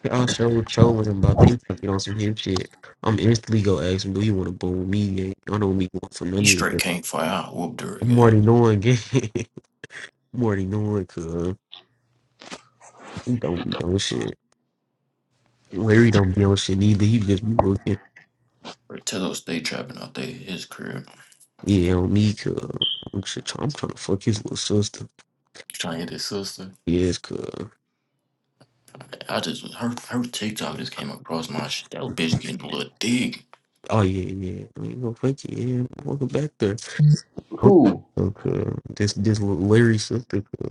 Speaker 4: I'll show what trolling them about they fucking on some hip shit. I'm instantly gonna ask him, do you want to boom me? gang? I don't be going for
Speaker 1: He
Speaker 4: none of this.
Speaker 1: straight can't fire. I whooped her
Speaker 4: I'm
Speaker 1: ass.
Speaker 4: already knowing, gang. [LAUGHS] I'm already knowing, cuz. He don't be on shit. Larry don't be on shit neither. He just be looking.
Speaker 1: Tezzo stay trapping out there at his crib.
Speaker 4: Yeah, on me, cuz. I'm, shit, try- I'm trying to fuck his little sister.
Speaker 1: He's Trying to get his sister.
Speaker 4: Yes, cuz.
Speaker 1: I just, her, her TikTok just came across my shit. That bitch getting a little dig.
Speaker 4: Oh, yeah, yeah. I ain't gonna fuck you. Yeah, welcome back there. What
Speaker 2: Who?
Speaker 4: the fuck, cuz? This, this little Larry sister, cuz.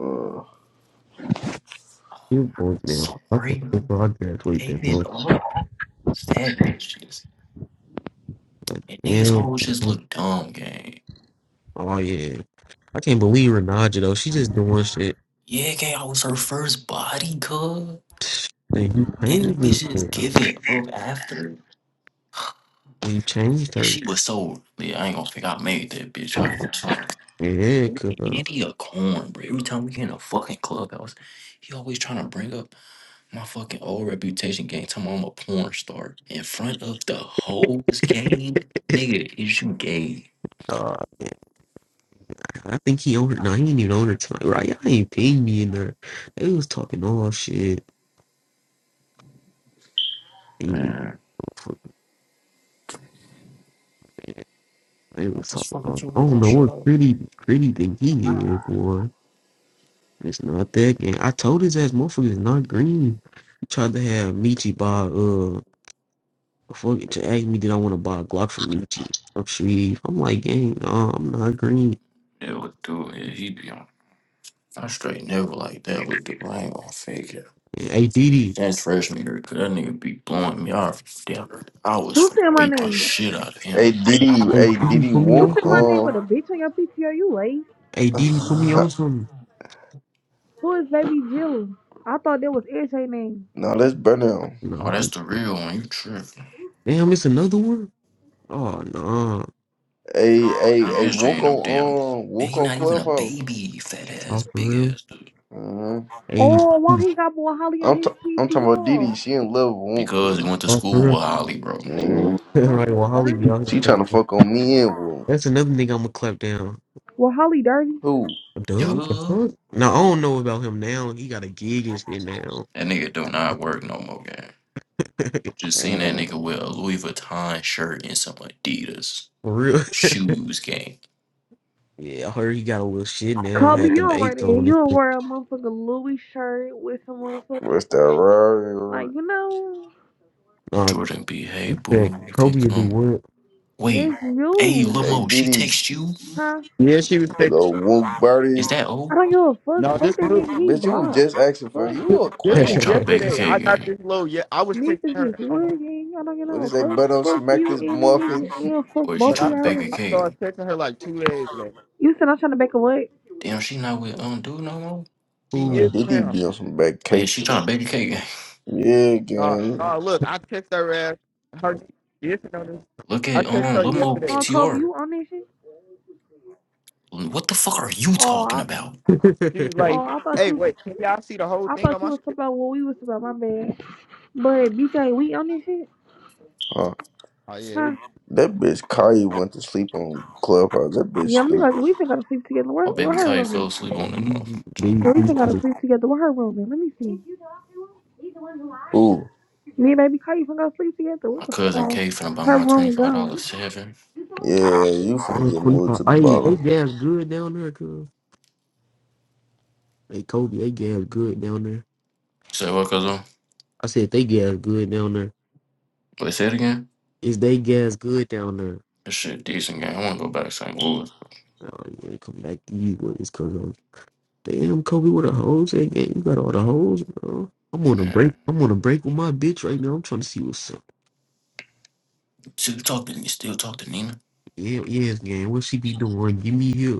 Speaker 2: Uh,
Speaker 1: Oh,
Speaker 4: You both now. I can't
Speaker 1: sorry.
Speaker 4: believe I graduate
Speaker 1: Gave
Speaker 4: that
Speaker 1: it
Speaker 4: much.
Speaker 1: up. That bitch. just
Speaker 4: Like,
Speaker 1: And these
Speaker 4: damn.
Speaker 1: hoes just
Speaker 4: cuz.
Speaker 1: look dumb, gang.
Speaker 4: Oh, yeah. I can't believe Renaja though. She just doing shit.
Speaker 1: Yeah, gang, I was her first body, cuz.
Speaker 4: [SNIFFS] And he
Speaker 1: And the
Speaker 4: changed this
Speaker 1: bitch just
Speaker 4: shit.
Speaker 1: give it up after.
Speaker 4: He changed
Speaker 1: And
Speaker 4: her.
Speaker 1: she was so, yeah, I ain't gonna think I made that bitch. I trying
Speaker 4: Yeah, cuz
Speaker 1: Andy a corn, bro. Every time we get in a fucking clubhouse, he always trying to bring up my fucking old reputation gang. Tell me I'm a porn star in front of the hoes gang. Nigga, is you gay?
Speaker 4: uh, I think he on her. Nah, he ain't even on her tonight, right? Y'all ain't paying me in there. They was talking all shit. And
Speaker 1: Man,
Speaker 4: they
Speaker 1: I
Speaker 4: was
Speaker 1: just
Speaker 4: talking
Speaker 1: fucking
Speaker 4: all.
Speaker 1: told
Speaker 4: I
Speaker 1: her
Speaker 4: don't
Speaker 1: don't
Speaker 4: know
Speaker 1: shut
Speaker 4: what
Speaker 1: up.
Speaker 4: pretty pretty think he is, boy. It's not that game. I told his ass, motherfucker, is not green. He tried to have Michi buy uh, fucking to ask me did I want to buy a Glock from Michi. I'm sweet. I'm like, gang, nah, I'm not green.
Speaker 1: Yeah, what dude? Yeah, he be on I straight never like that with the blame on fake it.
Speaker 4: Hey, Didi,
Speaker 1: That's freshman year, cause that nigga be blowing me off. Damn, I was
Speaker 3: Who
Speaker 1: finna
Speaker 3: said my
Speaker 1: beat the
Speaker 3: name?
Speaker 1: shit out of
Speaker 2: hey,
Speaker 1: him.
Speaker 2: Diddy,
Speaker 4: hey,
Speaker 2: hey,
Speaker 4: Didi,
Speaker 2: Diddy
Speaker 4: put me
Speaker 3: You
Speaker 2: Wonk,
Speaker 4: on
Speaker 3: said my
Speaker 4: something.
Speaker 3: name
Speaker 2: um,
Speaker 3: with a bitch on your PTR. You late.
Speaker 4: Hey, Didi, put me
Speaker 2: [LAUGHS]
Speaker 4: on something.
Speaker 3: Who is Baby Jill? I thought that was AJ name.
Speaker 2: no, us burn down.
Speaker 1: Oh,
Speaker 4: Nah,
Speaker 1: that's the real one. You tripping?
Speaker 4: damn, it's another one. Oh no,
Speaker 2: Hey, hey,
Speaker 1: Man,
Speaker 2: hey,
Speaker 1: SJ
Speaker 2: Wonk
Speaker 1: ain't no
Speaker 2: on,
Speaker 1: damn.
Speaker 2: um,
Speaker 1: And
Speaker 2: Wonk
Speaker 1: he
Speaker 2: on
Speaker 1: not even a
Speaker 2: Clubhouse.
Speaker 1: baby. Fat ass,
Speaker 4: oh for
Speaker 1: big
Speaker 4: real?
Speaker 1: ass dude.
Speaker 2: Mm-hmm.
Speaker 4: Hey,
Speaker 3: Oh, why he got boy Holly on
Speaker 2: I'm
Speaker 3: his
Speaker 2: t- I'm talking about Didi.
Speaker 3: PTR?
Speaker 2: She in love with
Speaker 1: Because he
Speaker 2: Wonka.
Speaker 1: went to
Speaker 4: oh for
Speaker 1: school
Speaker 4: real?
Speaker 1: with Holly, bro.
Speaker 2: hmm
Speaker 4: [LAUGHS]
Speaker 3: Well,
Speaker 4: like
Speaker 3: Holly
Speaker 4: well, Holly be
Speaker 3: dirty.
Speaker 4: out here
Speaker 2: She trying to
Speaker 4: faking.
Speaker 2: fuck on me and Wonka.
Speaker 4: That's another nigga I'ma clap down.
Speaker 3: Well, Holly dirty.
Speaker 2: Who?
Speaker 4: Duh, what the
Speaker 1: Duh.
Speaker 4: fuck? No, I don't know about him now. He got a gig and shit now.
Speaker 1: That nigga do not work no more, gang.
Speaker 4: [LAUGHS]
Speaker 1: Just seen that
Speaker 2: Mhm.
Speaker 1: nigga wear a Louis Vuitton shirt and some Adidas
Speaker 4: for real?
Speaker 1: shoes, gang.
Speaker 4: Yeah, I heard he got a little shit now.
Speaker 3: Kobe,
Speaker 4: Had
Speaker 3: you
Speaker 4: them
Speaker 3: don't wear that.
Speaker 4: eights on
Speaker 3: You
Speaker 4: and
Speaker 3: don't
Speaker 4: shit.
Speaker 3: wear a motherfucking Louis shirt with some motherfucker.
Speaker 2: What's that?
Speaker 3: Like,
Speaker 2: Right?
Speaker 3: you know,
Speaker 4: Nah,
Speaker 1: Jordan B. Hey,
Speaker 4: check.
Speaker 1: boo, you can
Speaker 4: Kobe will do
Speaker 1: come Wait,
Speaker 3: that's you.
Speaker 1: hey, Lil
Speaker 2: Hey
Speaker 1: Mo, she
Speaker 2: Didi,
Speaker 1: text you?
Speaker 3: Huh?
Speaker 5: yeah, she was texting.
Speaker 2: little Wonk
Speaker 1: Is
Speaker 2: Birdie.
Speaker 1: that
Speaker 3: I
Speaker 1: old?
Speaker 3: don't give a fuck.
Speaker 5: No,
Speaker 3: Fuck
Speaker 5: this
Speaker 3: that
Speaker 5: new.
Speaker 3: nigga. He
Speaker 2: Bitch, you was
Speaker 3: blocked.
Speaker 2: just asking for it.
Speaker 3: Fuck
Speaker 2: you a
Speaker 1: Or
Speaker 5: This
Speaker 4: what?
Speaker 1: is she
Speaker 5: was
Speaker 2: corn.
Speaker 1: trying to bake a
Speaker 5: yesterday. I
Speaker 1: cake?
Speaker 5: got
Speaker 1: And,
Speaker 5: this low. Yeah, I was texting her.
Speaker 3: niggas is
Speaker 5: I don't know,
Speaker 3: working. I don't give
Speaker 2: What
Speaker 3: a
Speaker 2: is that?
Speaker 3: fuck.
Speaker 2: Better
Speaker 3: Fuck
Speaker 2: smack
Speaker 3: you
Speaker 2: this
Speaker 3: and that
Speaker 2: muffin.
Speaker 3: nigga and fuck
Speaker 1: or is she
Speaker 3: both
Speaker 5: but
Speaker 3: of
Speaker 5: I
Speaker 1: trying to
Speaker 5: sta-
Speaker 1: bake a
Speaker 3: y'all.
Speaker 5: I
Speaker 1: cake?
Speaker 5: started texting her like two days ago.
Speaker 3: You said I'm trying to back away.
Speaker 1: Damn, she not with um dude no more.
Speaker 4: [LAUGHS]
Speaker 5: She
Speaker 2: No,
Speaker 5: is
Speaker 4: Ooh.
Speaker 5: with
Speaker 2: Didi
Speaker 5: him.
Speaker 2: be on some bad
Speaker 1: Oh yeah,
Speaker 2: cake
Speaker 1: she trying
Speaker 2: shit.
Speaker 1: to bake a cake. gang.
Speaker 2: Yeah,
Speaker 5: Uh,
Speaker 2: gang.
Speaker 5: uh, look, I text her ass. Her yes, you know this.
Speaker 1: [LAUGHS] Look
Speaker 5: I
Speaker 1: at
Speaker 5: text
Speaker 1: um
Speaker 5: her
Speaker 1: Lil Mo
Speaker 3: On
Speaker 5: yesterday.
Speaker 3: Kobe,
Speaker 1: PTR.
Speaker 3: you on that shit?
Speaker 1: What the fuck are you
Speaker 3: Oh,
Speaker 1: talking
Speaker 3: I,
Speaker 1: about?
Speaker 4: [LAUGHS] They-
Speaker 5: She was
Speaker 3: oh,
Speaker 5: like,
Speaker 3: I thought
Speaker 5: "Hey,
Speaker 3: you,
Speaker 5: wait, can y'all see the whole
Speaker 3: I
Speaker 5: thing on
Speaker 3: thought you
Speaker 5: my
Speaker 3: was talking
Speaker 5: shit?"
Speaker 3: about what we was talking about. My bad. But BJ, we on this shit,
Speaker 2: Huh.
Speaker 5: Oh yeah,
Speaker 3: huh?
Speaker 5: it-
Speaker 2: That bitch Kaya went to sleep on Clubhouse. That bitch
Speaker 3: Yeah, let me like
Speaker 2: stupid.
Speaker 3: we still gotta sleep together. Where,
Speaker 1: Oh,
Speaker 3: where
Speaker 1: baby
Speaker 3: her
Speaker 1: Kai
Speaker 3: room
Speaker 1: fell
Speaker 3: is?
Speaker 1: asleep on him. motherfucker.
Speaker 3: Yeah, we still gotta
Speaker 4: they-
Speaker 3: sleep together. Where her room is? Let me see.
Speaker 2: Ooh.
Speaker 3: Me and baby Kai, you finna go sleep together. What
Speaker 1: My
Speaker 3: the fuck?
Speaker 1: cousin
Speaker 3: Oh,
Speaker 1: K finna buy
Speaker 3: her
Speaker 1: my twenty
Speaker 3: room
Speaker 1: five
Speaker 3: gone.
Speaker 1: dollars seven.
Speaker 2: Yeah, you finna
Speaker 4: they-
Speaker 2: get moved
Speaker 4: 45.
Speaker 2: to the
Speaker 4: Hey, they
Speaker 2: bottom.
Speaker 4: gas good down there, cuz. Hey, Kobe, they gas good down there.
Speaker 1: Say what, cousin?
Speaker 4: I said they gas good down there.
Speaker 1: Wait, say it again.
Speaker 4: Is they gas good down there?
Speaker 1: This shit decent gang. I wanna go back to St. Louis.
Speaker 4: Oh, you ain't come back to you when it's coming on. Damn, Kobe, with the hoes at, gang? You got all the hoes, bro. I'm on a
Speaker 1: Man,
Speaker 4: break. I'm on a break with my bitch right now. I'm trying to see what's up.
Speaker 1: still talk to still talk to Nina.
Speaker 4: Yeah, yes, gang. What she be doing? Give me here.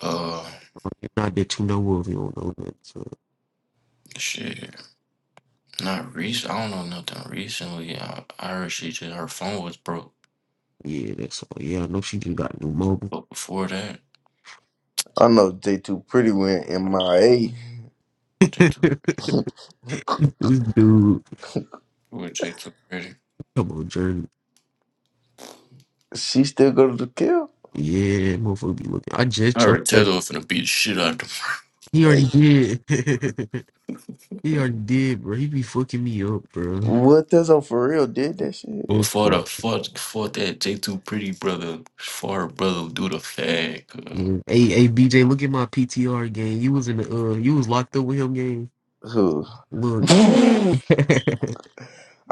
Speaker 1: Uh,
Speaker 4: not that you know of. You don't know that. So
Speaker 1: shit. Not recent. I don't know nothing recently. I, I heard she just her phone was broke,
Speaker 4: yeah, that's all. Yeah, I know she just got new mobile.
Speaker 1: but before that,
Speaker 2: I know J2 Pretty went
Speaker 1: I would
Speaker 2: MIA.
Speaker 4: [LAUGHS]
Speaker 1: take to
Speaker 4: this dude,
Speaker 1: I would take two pretty.
Speaker 4: come on, journey.
Speaker 2: She still go to the kill.
Speaker 4: Yeah, that motherfucker be looking. I just
Speaker 1: I
Speaker 4: choked
Speaker 1: heard
Speaker 4: her.
Speaker 1: Taylor was finna beat the shit out of him.
Speaker 4: He
Speaker 2: Hey,
Speaker 4: already did. [LAUGHS] he already did, bro. He be fucking me up, bro.
Speaker 2: what does on for real did that shit?
Speaker 1: Before [LAUGHS] the fuck, before that, take two pretty brother, for her brother do the fag. uh,
Speaker 4: Yeah. Hey, hey, BJ, look at my PTR game. You was in the uh, you was locked up with him game.
Speaker 2: Who? [LAUGHS]
Speaker 4: Look, [LAUGHS] you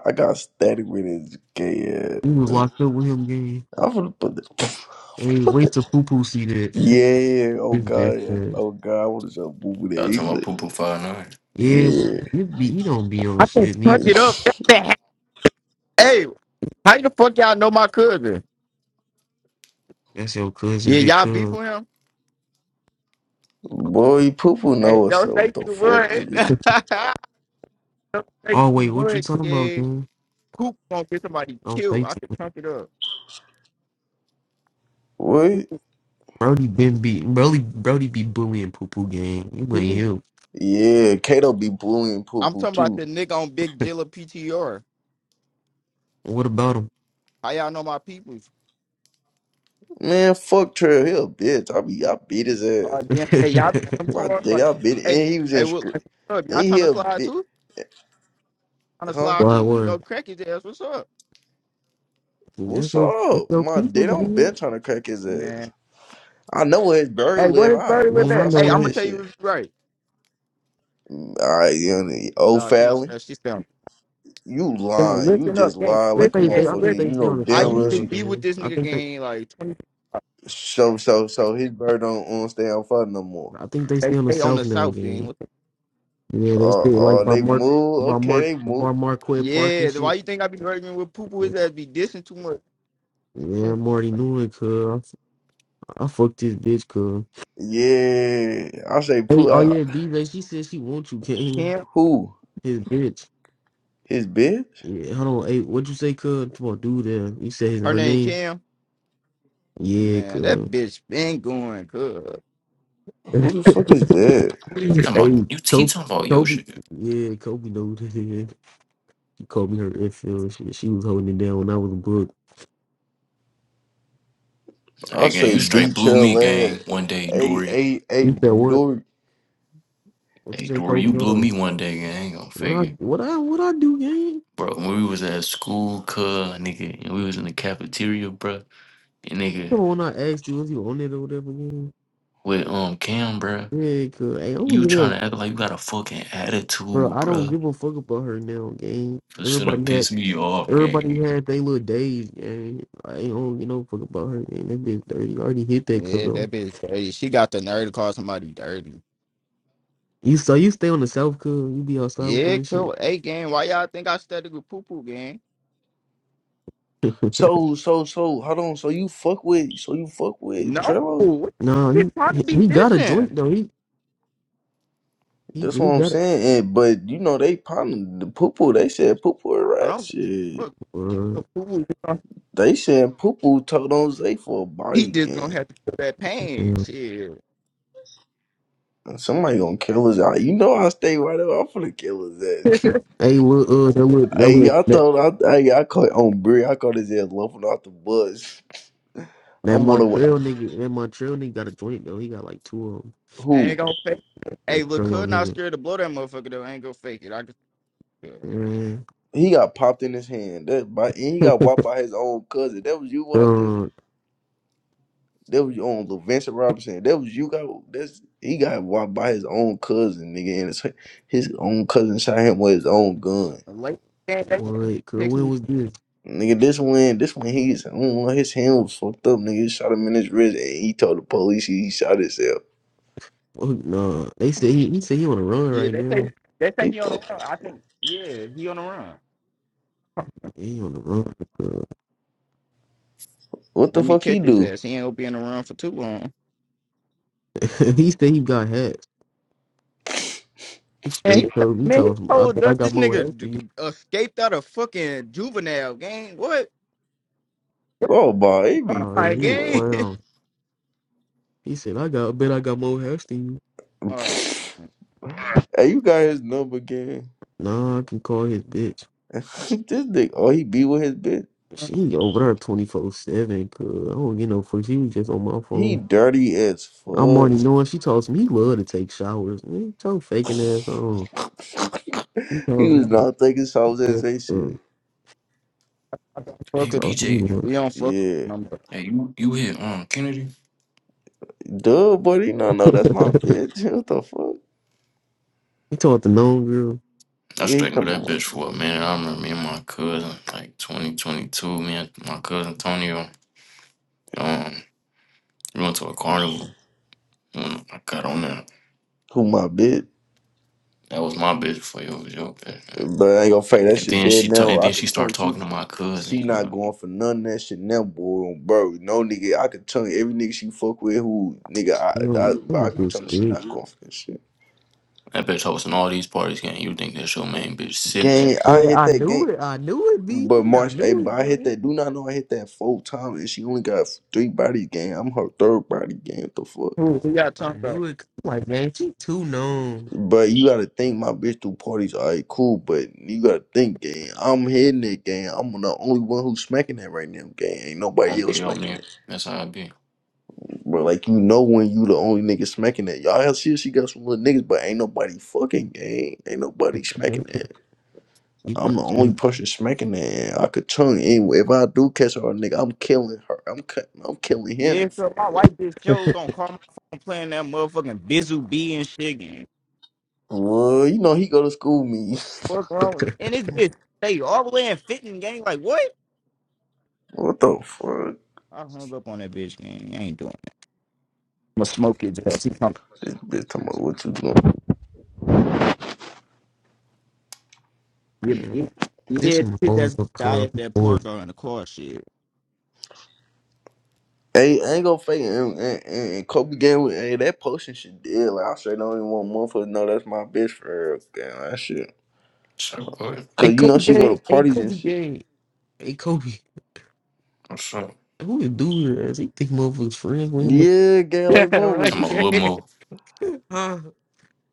Speaker 2: I got static with his gay ass.
Speaker 4: was locked up with him game.
Speaker 2: I'm gonna put the [LAUGHS]
Speaker 4: Hey,
Speaker 2: put the
Speaker 4: wait till poo poo see that. [LAUGHS]
Speaker 2: Yeah, oh
Speaker 4: This
Speaker 2: god,
Speaker 4: bitch, uh,
Speaker 2: oh god, I wanna show boo boo that
Speaker 1: Y'all
Speaker 2: he
Speaker 1: talking about
Speaker 2: flick.
Speaker 1: poo poo five nine.
Speaker 4: yeah,
Speaker 2: Yeah.
Speaker 4: you be he don't be on
Speaker 5: I can
Speaker 4: shit
Speaker 5: punch
Speaker 4: neither.
Speaker 5: it up. What the heck? Hey, how the fuck y'all know my cousin?
Speaker 4: That's your cousin,
Speaker 5: Yeah,
Speaker 4: big
Speaker 5: y'all beef
Speaker 4: cuz.
Speaker 5: with him.
Speaker 2: Boy, poo poo
Speaker 5: Hey,
Speaker 2: know us,
Speaker 5: don't
Speaker 2: so what
Speaker 5: say
Speaker 2: the
Speaker 5: you
Speaker 2: fuck
Speaker 5: would.
Speaker 2: nigga?
Speaker 5: [LAUGHS] Don't say
Speaker 4: Oh wait,
Speaker 5: too
Speaker 4: what you
Speaker 5: much,
Speaker 4: talking about,
Speaker 5: yeah.
Speaker 4: gang?
Speaker 5: Coop gonna get somebody
Speaker 4: Don't
Speaker 5: killed.
Speaker 4: think
Speaker 5: I
Speaker 4: you.
Speaker 5: could pump it up.
Speaker 2: What?
Speaker 4: Brody been be Brody Brody be bullying poo poo gang. You ain't
Speaker 5: Mhm.
Speaker 4: him.
Speaker 2: Yeah, Kato be bullying poo
Speaker 5: I'm
Speaker 2: poo
Speaker 5: talking about
Speaker 2: too.
Speaker 5: the nigga on Big Jilla PTR.
Speaker 4: What about him?
Speaker 5: How y'all know my peoples?
Speaker 2: Man, fuck Trail, he a bitch. I be I beat his ass.
Speaker 5: Uh, damn. Hey, y'all,
Speaker 4: [LAUGHS]
Speaker 5: think I'm
Speaker 2: My
Speaker 5: torn.
Speaker 2: dad,
Speaker 5: Like,
Speaker 2: I been
Speaker 5: hey,
Speaker 2: and he was
Speaker 5: hey,
Speaker 2: in
Speaker 5: what,
Speaker 2: script.
Speaker 5: like, what's up?
Speaker 2: And
Speaker 5: Y'all
Speaker 2: he
Speaker 5: trying to
Speaker 2: a
Speaker 5: slide
Speaker 2: bit,
Speaker 5: too? On to
Speaker 2: huh?
Speaker 5: slide
Speaker 4: Why
Speaker 5: too? We can go
Speaker 4: word?
Speaker 5: crack his ass. What's up?
Speaker 2: What's
Speaker 4: It's your it's
Speaker 2: up?
Speaker 4: your
Speaker 2: My dad,
Speaker 4: people's
Speaker 2: I'm been
Speaker 4: gang.
Speaker 2: trying to crack his ass.
Speaker 5: Man.
Speaker 2: I know where his bird
Speaker 5: Hey, what
Speaker 2: live.
Speaker 5: is
Speaker 2: I
Speaker 5: Birdie with
Speaker 4: Man,
Speaker 2: loaf
Speaker 4: I
Speaker 5: that?
Speaker 4: know
Speaker 5: Hey, I'm
Speaker 2: outside
Speaker 4: it.
Speaker 5: gonna
Speaker 2: his
Speaker 5: tell you
Speaker 2: shit.
Speaker 5: if you're right.
Speaker 2: All right, you know, old
Speaker 5: No, she don't
Speaker 2: Fallon,
Speaker 5: snap. She spell.
Speaker 2: you
Speaker 5: Gang,
Speaker 2: lying. You
Speaker 5: listen
Speaker 2: just
Speaker 5: up, gang.
Speaker 2: lying
Speaker 4: Don't
Speaker 2: like a
Speaker 5: Listen,
Speaker 4: they, they?
Speaker 5: gang,
Speaker 4: I
Speaker 2: motherfucker.
Speaker 4: think
Speaker 2: You
Speaker 5: listen.
Speaker 4: they stay
Speaker 2: know
Speaker 4: on the
Speaker 5: I
Speaker 2: damn
Speaker 4: South
Speaker 5: used
Speaker 2: well
Speaker 5: to
Speaker 4: now
Speaker 2: she
Speaker 5: be with
Speaker 4: game.
Speaker 5: this
Speaker 4: I
Speaker 5: nigga
Speaker 4: think they.
Speaker 5: gang like 20.
Speaker 2: so so so his bird don't, don't stay on fire no more.
Speaker 4: I think they
Speaker 5: They,
Speaker 4: stay on the
Speaker 5: they on
Speaker 4: South
Speaker 5: the
Speaker 4: now
Speaker 5: south
Speaker 4: game.
Speaker 5: gang.
Speaker 4: Yeah, they
Speaker 2: Uh,
Speaker 4: stay like
Speaker 2: uh,
Speaker 4: by
Speaker 2: they
Speaker 4: Mark,
Speaker 2: move.
Speaker 4: by Mark,
Speaker 2: Okay, they move.
Speaker 4: by Marquette Park
Speaker 5: Yeah,
Speaker 4: and
Speaker 5: then why
Speaker 4: shit.
Speaker 5: you think I be arguing with Poo Poo?
Speaker 4: Yeah,
Speaker 5: His ass be dissing too much.
Speaker 4: I'm already knew it, cuz. I, I fucked this bitch, cuz.
Speaker 2: Yeah, I say,
Speaker 4: Hey,
Speaker 2: poo.
Speaker 4: oh
Speaker 2: I,
Speaker 4: yeah, BJ, she said she wants you, King.
Speaker 5: Cam,
Speaker 2: who?
Speaker 4: His bitch.
Speaker 2: His bitch?
Speaker 4: Yeah, hold on. Hey, what'd you say, cuz? Come on, dude, there. You said his,
Speaker 5: her
Speaker 4: her
Speaker 5: name
Speaker 4: name?
Speaker 5: Cam.
Speaker 4: Yeah,
Speaker 5: Man, that
Speaker 4: cuz.
Speaker 5: bitch been going good.
Speaker 4: [LAUGHS]
Speaker 2: Who the fuck is that?
Speaker 1: Talking about
Speaker 4: hey,
Speaker 1: you, he
Speaker 4: Kobe,
Speaker 1: talking about yo
Speaker 4: Kobe.
Speaker 1: shit.
Speaker 4: Yeah, Kobe knows. [LAUGHS] She called me her infield. She, [LAUGHS] she was holding it down when I was a book.
Speaker 2: I
Speaker 1: Hey gang,
Speaker 2: say
Speaker 1: you straight
Speaker 2: beat
Speaker 1: blew me,
Speaker 2: your ass.
Speaker 1: gang. One day,
Speaker 2: Hey,
Speaker 1: Dory.
Speaker 2: hey, hey,
Speaker 4: You said what?
Speaker 2: Dory.
Speaker 4: What you
Speaker 1: Hey
Speaker 4: say,
Speaker 1: Dory,
Speaker 4: Kobe?
Speaker 1: you
Speaker 4: Hold
Speaker 1: blew
Speaker 4: on.
Speaker 1: me one day, gang. I ain't gonna
Speaker 4: What
Speaker 1: fake
Speaker 4: I
Speaker 1: it,
Speaker 4: what I what I do, gang?
Speaker 1: bro. When we was at school, cuz nigga, and we was in the cafeteria, bro. nigga,
Speaker 4: Come on, when I asked you, was you on it or whatever, gang?
Speaker 1: with um Cam, bruh.
Speaker 4: Yeah, cause hey, I don't
Speaker 1: You
Speaker 4: give
Speaker 1: trying
Speaker 4: a
Speaker 1: to act like you got a fucking
Speaker 4: bro.
Speaker 1: attitude,
Speaker 4: I don't
Speaker 1: bruh.
Speaker 4: give a fuck about her now, gang.
Speaker 1: This should
Speaker 4: Everybody
Speaker 1: have
Speaker 4: had
Speaker 1: pissed me off,
Speaker 4: everybody
Speaker 1: gang.
Speaker 4: had their little days, gang. I ain't don't give no fuck about her, gang. That bitch dirty. I already hit that, cuz
Speaker 5: Yeah,
Speaker 4: though.
Speaker 5: that bitch dirty. She got the nerve to call somebody dirty.
Speaker 4: You so you stay on the south, cuz you be outside with them
Speaker 5: Yeah,
Speaker 4: and shit.
Speaker 5: cool. Hey, gang, why y'all think I studied with Poo Poo, gang?
Speaker 4: [LAUGHS]
Speaker 2: So, so, so, hold on. So you fuck with, so you fuck with
Speaker 5: No,
Speaker 2: Trello?
Speaker 5: what
Speaker 4: nah,
Speaker 5: the fuck is
Speaker 4: he,
Speaker 5: trying to
Speaker 4: he
Speaker 5: be
Speaker 4: he got a
Speaker 5: dissing?
Speaker 4: joint though. He he,
Speaker 2: That's what
Speaker 4: he
Speaker 2: I'm
Speaker 4: got a.
Speaker 2: saying. And, but you know they pounding the poo They said poo poo
Speaker 5: I
Speaker 2: rat
Speaker 5: don't.
Speaker 2: shit.
Speaker 5: Look,
Speaker 4: Uh,
Speaker 5: Poo Poo,
Speaker 2: They said poo poo told on Zay for a
Speaker 5: he
Speaker 2: body
Speaker 5: just gonna
Speaker 2: gang.
Speaker 5: have to feel that pain.
Speaker 4: yeah.
Speaker 5: Shit,
Speaker 2: And Somebody gonna kill us out. You know I stay right up. I'm finna kill us at.
Speaker 4: Hey, look, uh, that look,
Speaker 2: [LAUGHS]
Speaker 4: that
Speaker 2: hey,
Speaker 4: look,
Speaker 2: I
Speaker 4: that
Speaker 2: thought I, hey, I caught on Brie. I caught his ass laughing off the bus.
Speaker 4: That
Speaker 2: I'm on the
Speaker 4: Montreal nigga, that Montreal nigga got a joint though. He got like two of them.
Speaker 5: I
Speaker 2: who?
Speaker 5: ain't gonna fake. It. Hey,
Speaker 4: That
Speaker 5: look,
Speaker 4: Trello
Speaker 5: could not scared to blow that motherfucker though. I ain't gonna fake it. I can.
Speaker 4: nigga. Man.
Speaker 2: He got popped in his hand. That by and he got
Speaker 4: [LAUGHS]
Speaker 2: walked by his own cousin. That was you out there.
Speaker 4: Uh,
Speaker 2: That was your own little Vincent Robinson. That was you got that's he got walked by his own cousin, nigga, and his, his own cousin shot him with his own gun.
Speaker 5: Late they
Speaker 4: what? Girl,
Speaker 5: text
Speaker 4: when
Speaker 5: me.
Speaker 4: was this?
Speaker 2: Nigga, this one, this one, he's I don't know, his hand was fucked up. Nigga, he shot him in his wrist, and he told the police he shot himself.
Speaker 4: Fuck no. They said he, he said he on the run
Speaker 5: Yeah,
Speaker 4: right
Speaker 5: they say
Speaker 4: now.
Speaker 5: they say
Speaker 2: He,
Speaker 5: he on the
Speaker 2: fuck-
Speaker 5: run. I think yeah, he on the run.
Speaker 4: He on the run. girl.
Speaker 2: what the
Speaker 5: Let me
Speaker 2: fuck he
Speaker 5: catch his
Speaker 2: do?
Speaker 5: ass. He ain't gonna be on the run for too long.
Speaker 4: [LAUGHS] he said he got hats. He
Speaker 5: And he,
Speaker 4: straight
Speaker 5: t-
Speaker 4: told me, he
Speaker 5: man, he
Speaker 4: told him, I
Speaker 5: told
Speaker 4: bet I
Speaker 5: us
Speaker 4: got
Speaker 5: This
Speaker 4: more hats
Speaker 5: nigga d-
Speaker 4: than you.
Speaker 5: escaped out of fucking juvenile gang. What?
Speaker 2: Oh, boy, he be
Speaker 5: all
Speaker 4: Oh yeah,
Speaker 5: right,
Speaker 4: he
Speaker 2: fucking
Speaker 4: a
Speaker 5: gang.
Speaker 2: lying.
Speaker 5: [LAUGHS]
Speaker 4: clown. He said, I got, I bet I got more hats than you.
Speaker 5: All right,
Speaker 2: Hey, you got his number again?
Speaker 4: Nah, I can call his bitch.
Speaker 2: [LAUGHS] this nigga, oh, he be with his bitch.
Speaker 4: She over there 24 7, cuz I don't get no fuck. She was just on my phone.
Speaker 2: He dirty as
Speaker 4: I'm
Speaker 2: fuck.
Speaker 4: already knowing she told me he love to take showers. Man, told faking ass on.
Speaker 2: [LAUGHS]
Speaker 4: He
Speaker 2: he
Speaker 4: told
Speaker 2: was
Speaker 4: me.
Speaker 2: not thinking songs as
Speaker 4: Yes,
Speaker 2: they
Speaker 4: uh,
Speaker 2: shit.
Speaker 4: he
Speaker 5: fuck
Speaker 1: Hey,
Speaker 5: with them.
Speaker 4: told
Speaker 1: BJ,
Speaker 4: me.
Speaker 5: We don't fuck
Speaker 2: Yeah.
Speaker 5: with them. bro.
Speaker 1: hey, you you hit um Kennedy?
Speaker 2: Duh, buddy. No, no, that's my
Speaker 4: that.
Speaker 2: bitch. [LAUGHS] What the fuck?
Speaker 4: [LAUGHS] he told the known girl.
Speaker 1: I
Speaker 2: Yeah, he
Speaker 1: straightened with
Speaker 2: talking
Speaker 1: that
Speaker 2: about
Speaker 1: bitch for a minute. I remember me and my cousin, like 2022, me and my cousin Antonio, um, we went to a carnival. When I got on that,
Speaker 2: who my bitch.
Speaker 1: that was my bitch for you, It was your bitch. yeah.
Speaker 2: But I ain't gonna fake that
Speaker 1: And
Speaker 2: shit
Speaker 1: then
Speaker 2: dead
Speaker 1: she t-
Speaker 2: now.
Speaker 1: and
Speaker 2: I
Speaker 1: then she
Speaker 2: could tell
Speaker 1: started
Speaker 2: she
Speaker 1: talking to my cousin.
Speaker 2: she not
Speaker 1: Cause
Speaker 2: going for none of that shit now, boy. Bro, no nigga, I could tell every nigga she fuck with who nigga I
Speaker 4: You know, I'm
Speaker 2: I,
Speaker 4: a
Speaker 2: I could
Speaker 4: bitch
Speaker 2: tell she
Speaker 4: thick.
Speaker 2: not going for that shit.
Speaker 1: that bitch hosting all these parties, gang. You think that's your main bitch? Sit
Speaker 2: Gang,
Speaker 1: back.
Speaker 2: I
Speaker 4: Yeah,
Speaker 2: hit
Speaker 4: I
Speaker 2: that game.
Speaker 4: knew it. I knew it, B
Speaker 2: But
Speaker 4: J. I
Speaker 2: March, hey,
Speaker 4: knew
Speaker 2: but
Speaker 4: it,
Speaker 2: I hit
Speaker 4: gang.
Speaker 2: that. Do not know I hit that four times, and she only got three bodies game. I'm her third body game. What the fuck?
Speaker 5: Who who y'all
Speaker 4: I
Speaker 5: talking about?
Speaker 4: knew it. 'Cause I'm like, man, she too known.
Speaker 2: But you gotta think, my bitch do parties. All right, cool. But you gotta think, gang. I'm hitting it, gang. I'm the only one who's smacking that right now, gang. Ain't nobody
Speaker 1: On
Speaker 2: else
Speaker 1: me, on
Speaker 2: smacking
Speaker 1: me.
Speaker 2: it,
Speaker 1: That's how I be.
Speaker 2: bro. Like you know when you the only nigga smacking that. Y'all see, she got some little niggas, but ain't nobody fucking, gang. Ain't nobody
Speaker 4: [LAUGHS]
Speaker 2: smacking that.
Speaker 4: he
Speaker 2: I'm the only
Speaker 4: probably
Speaker 2: person smacking that. And I could tongue you anyway. If I do catch her, nigga, I'm killing her. I'm cut- I'm killing
Speaker 5: Yeah,
Speaker 2: him
Speaker 5: so
Speaker 2: for.
Speaker 5: my white bitch Joe gonna call my phone playing that motherfucking Bizzle B and shit gang.
Speaker 2: Well, you know he go to school with me. [LAUGHS]
Speaker 5: What's wrong with you? And this bitch stay all the way in fitting gang. Like what?
Speaker 2: What the fuck?
Speaker 5: I hung up on that bitch gang. I ain't doing it. I'ma smoke his ass. He come.
Speaker 2: This bitch talking about what you doing?
Speaker 5: Yeah,
Speaker 4: Mm,
Speaker 5: yeah, yeah,
Speaker 4: this one
Speaker 5: his
Speaker 4: falls
Speaker 5: ass
Speaker 4: up
Speaker 5: die
Speaker 4: club.
Speaker 5: at that park or in the car shit.
Speaker 2: Hey, I ain't gonna fake it. And, and, and and Kobe game with hey, that potion shit did. Like I straight don't even want motherfuckers to know that's my bitch for real. Damn, that shit.
Speaker 1: So what?
Speaker 4: Hey,
Speaker 2: Cause you know
Speaker 4: Kobe
Speaker 2: she go to
Speaker 4: gang. Hey,
Speaker 2: parties and
Speaker 4: Kobe
Speaker 2: shit.
Speaker 4: gang. Hey, Kobe.
Speaker 1: What's up?
Speaker 4: Who the dude is? He think motherfuckers friends with him.
Speaker 2: Yeah, gay
Speaker 4: [LAUGHS]
Speaker 2: like
Speaker 4: Yeah,
Speaker 1: Talking
Speaker 4: right.
Speaker 2: motherfuckers.
Speaker 1: about
Speaker 4: Yeah.
Speaker 1: what more?
Speaker 4: [LAUGHS] Huh?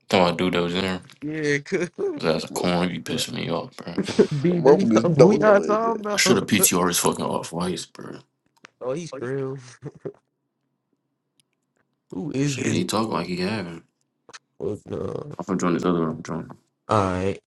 Speaker 1: Talking about dude that was in there.
Speaker 4: Yeah, could
Speaker 1: That's a
Speaker 2: [LAUGHS]
Speaker 1: corn. You pissing
Speaker 4: [LAUGHS]
Speaker 1: me off, bro.
Speaker 4: be the he talking
Speaker 2: Motherfuckers
Speaker 4: who
Speaker 2: don't
Speaker 4: y'all
Speaker 2: know his ass.
Speaker 4: talking
Speaker 1: I should have
Speaker 4: about?
Speaker 1: PTR his fucking off whites, bro.
Speaker 4: Oh, he's real. [LAUGHS] Who is
Speaker 1: Shit, he
Speaker 4: dude?
Speaker 1: talk like he having.
Speaker 4: Fuck no.
Speaker 1: I'm gonna join this other room, John.
Speaker 4: All right.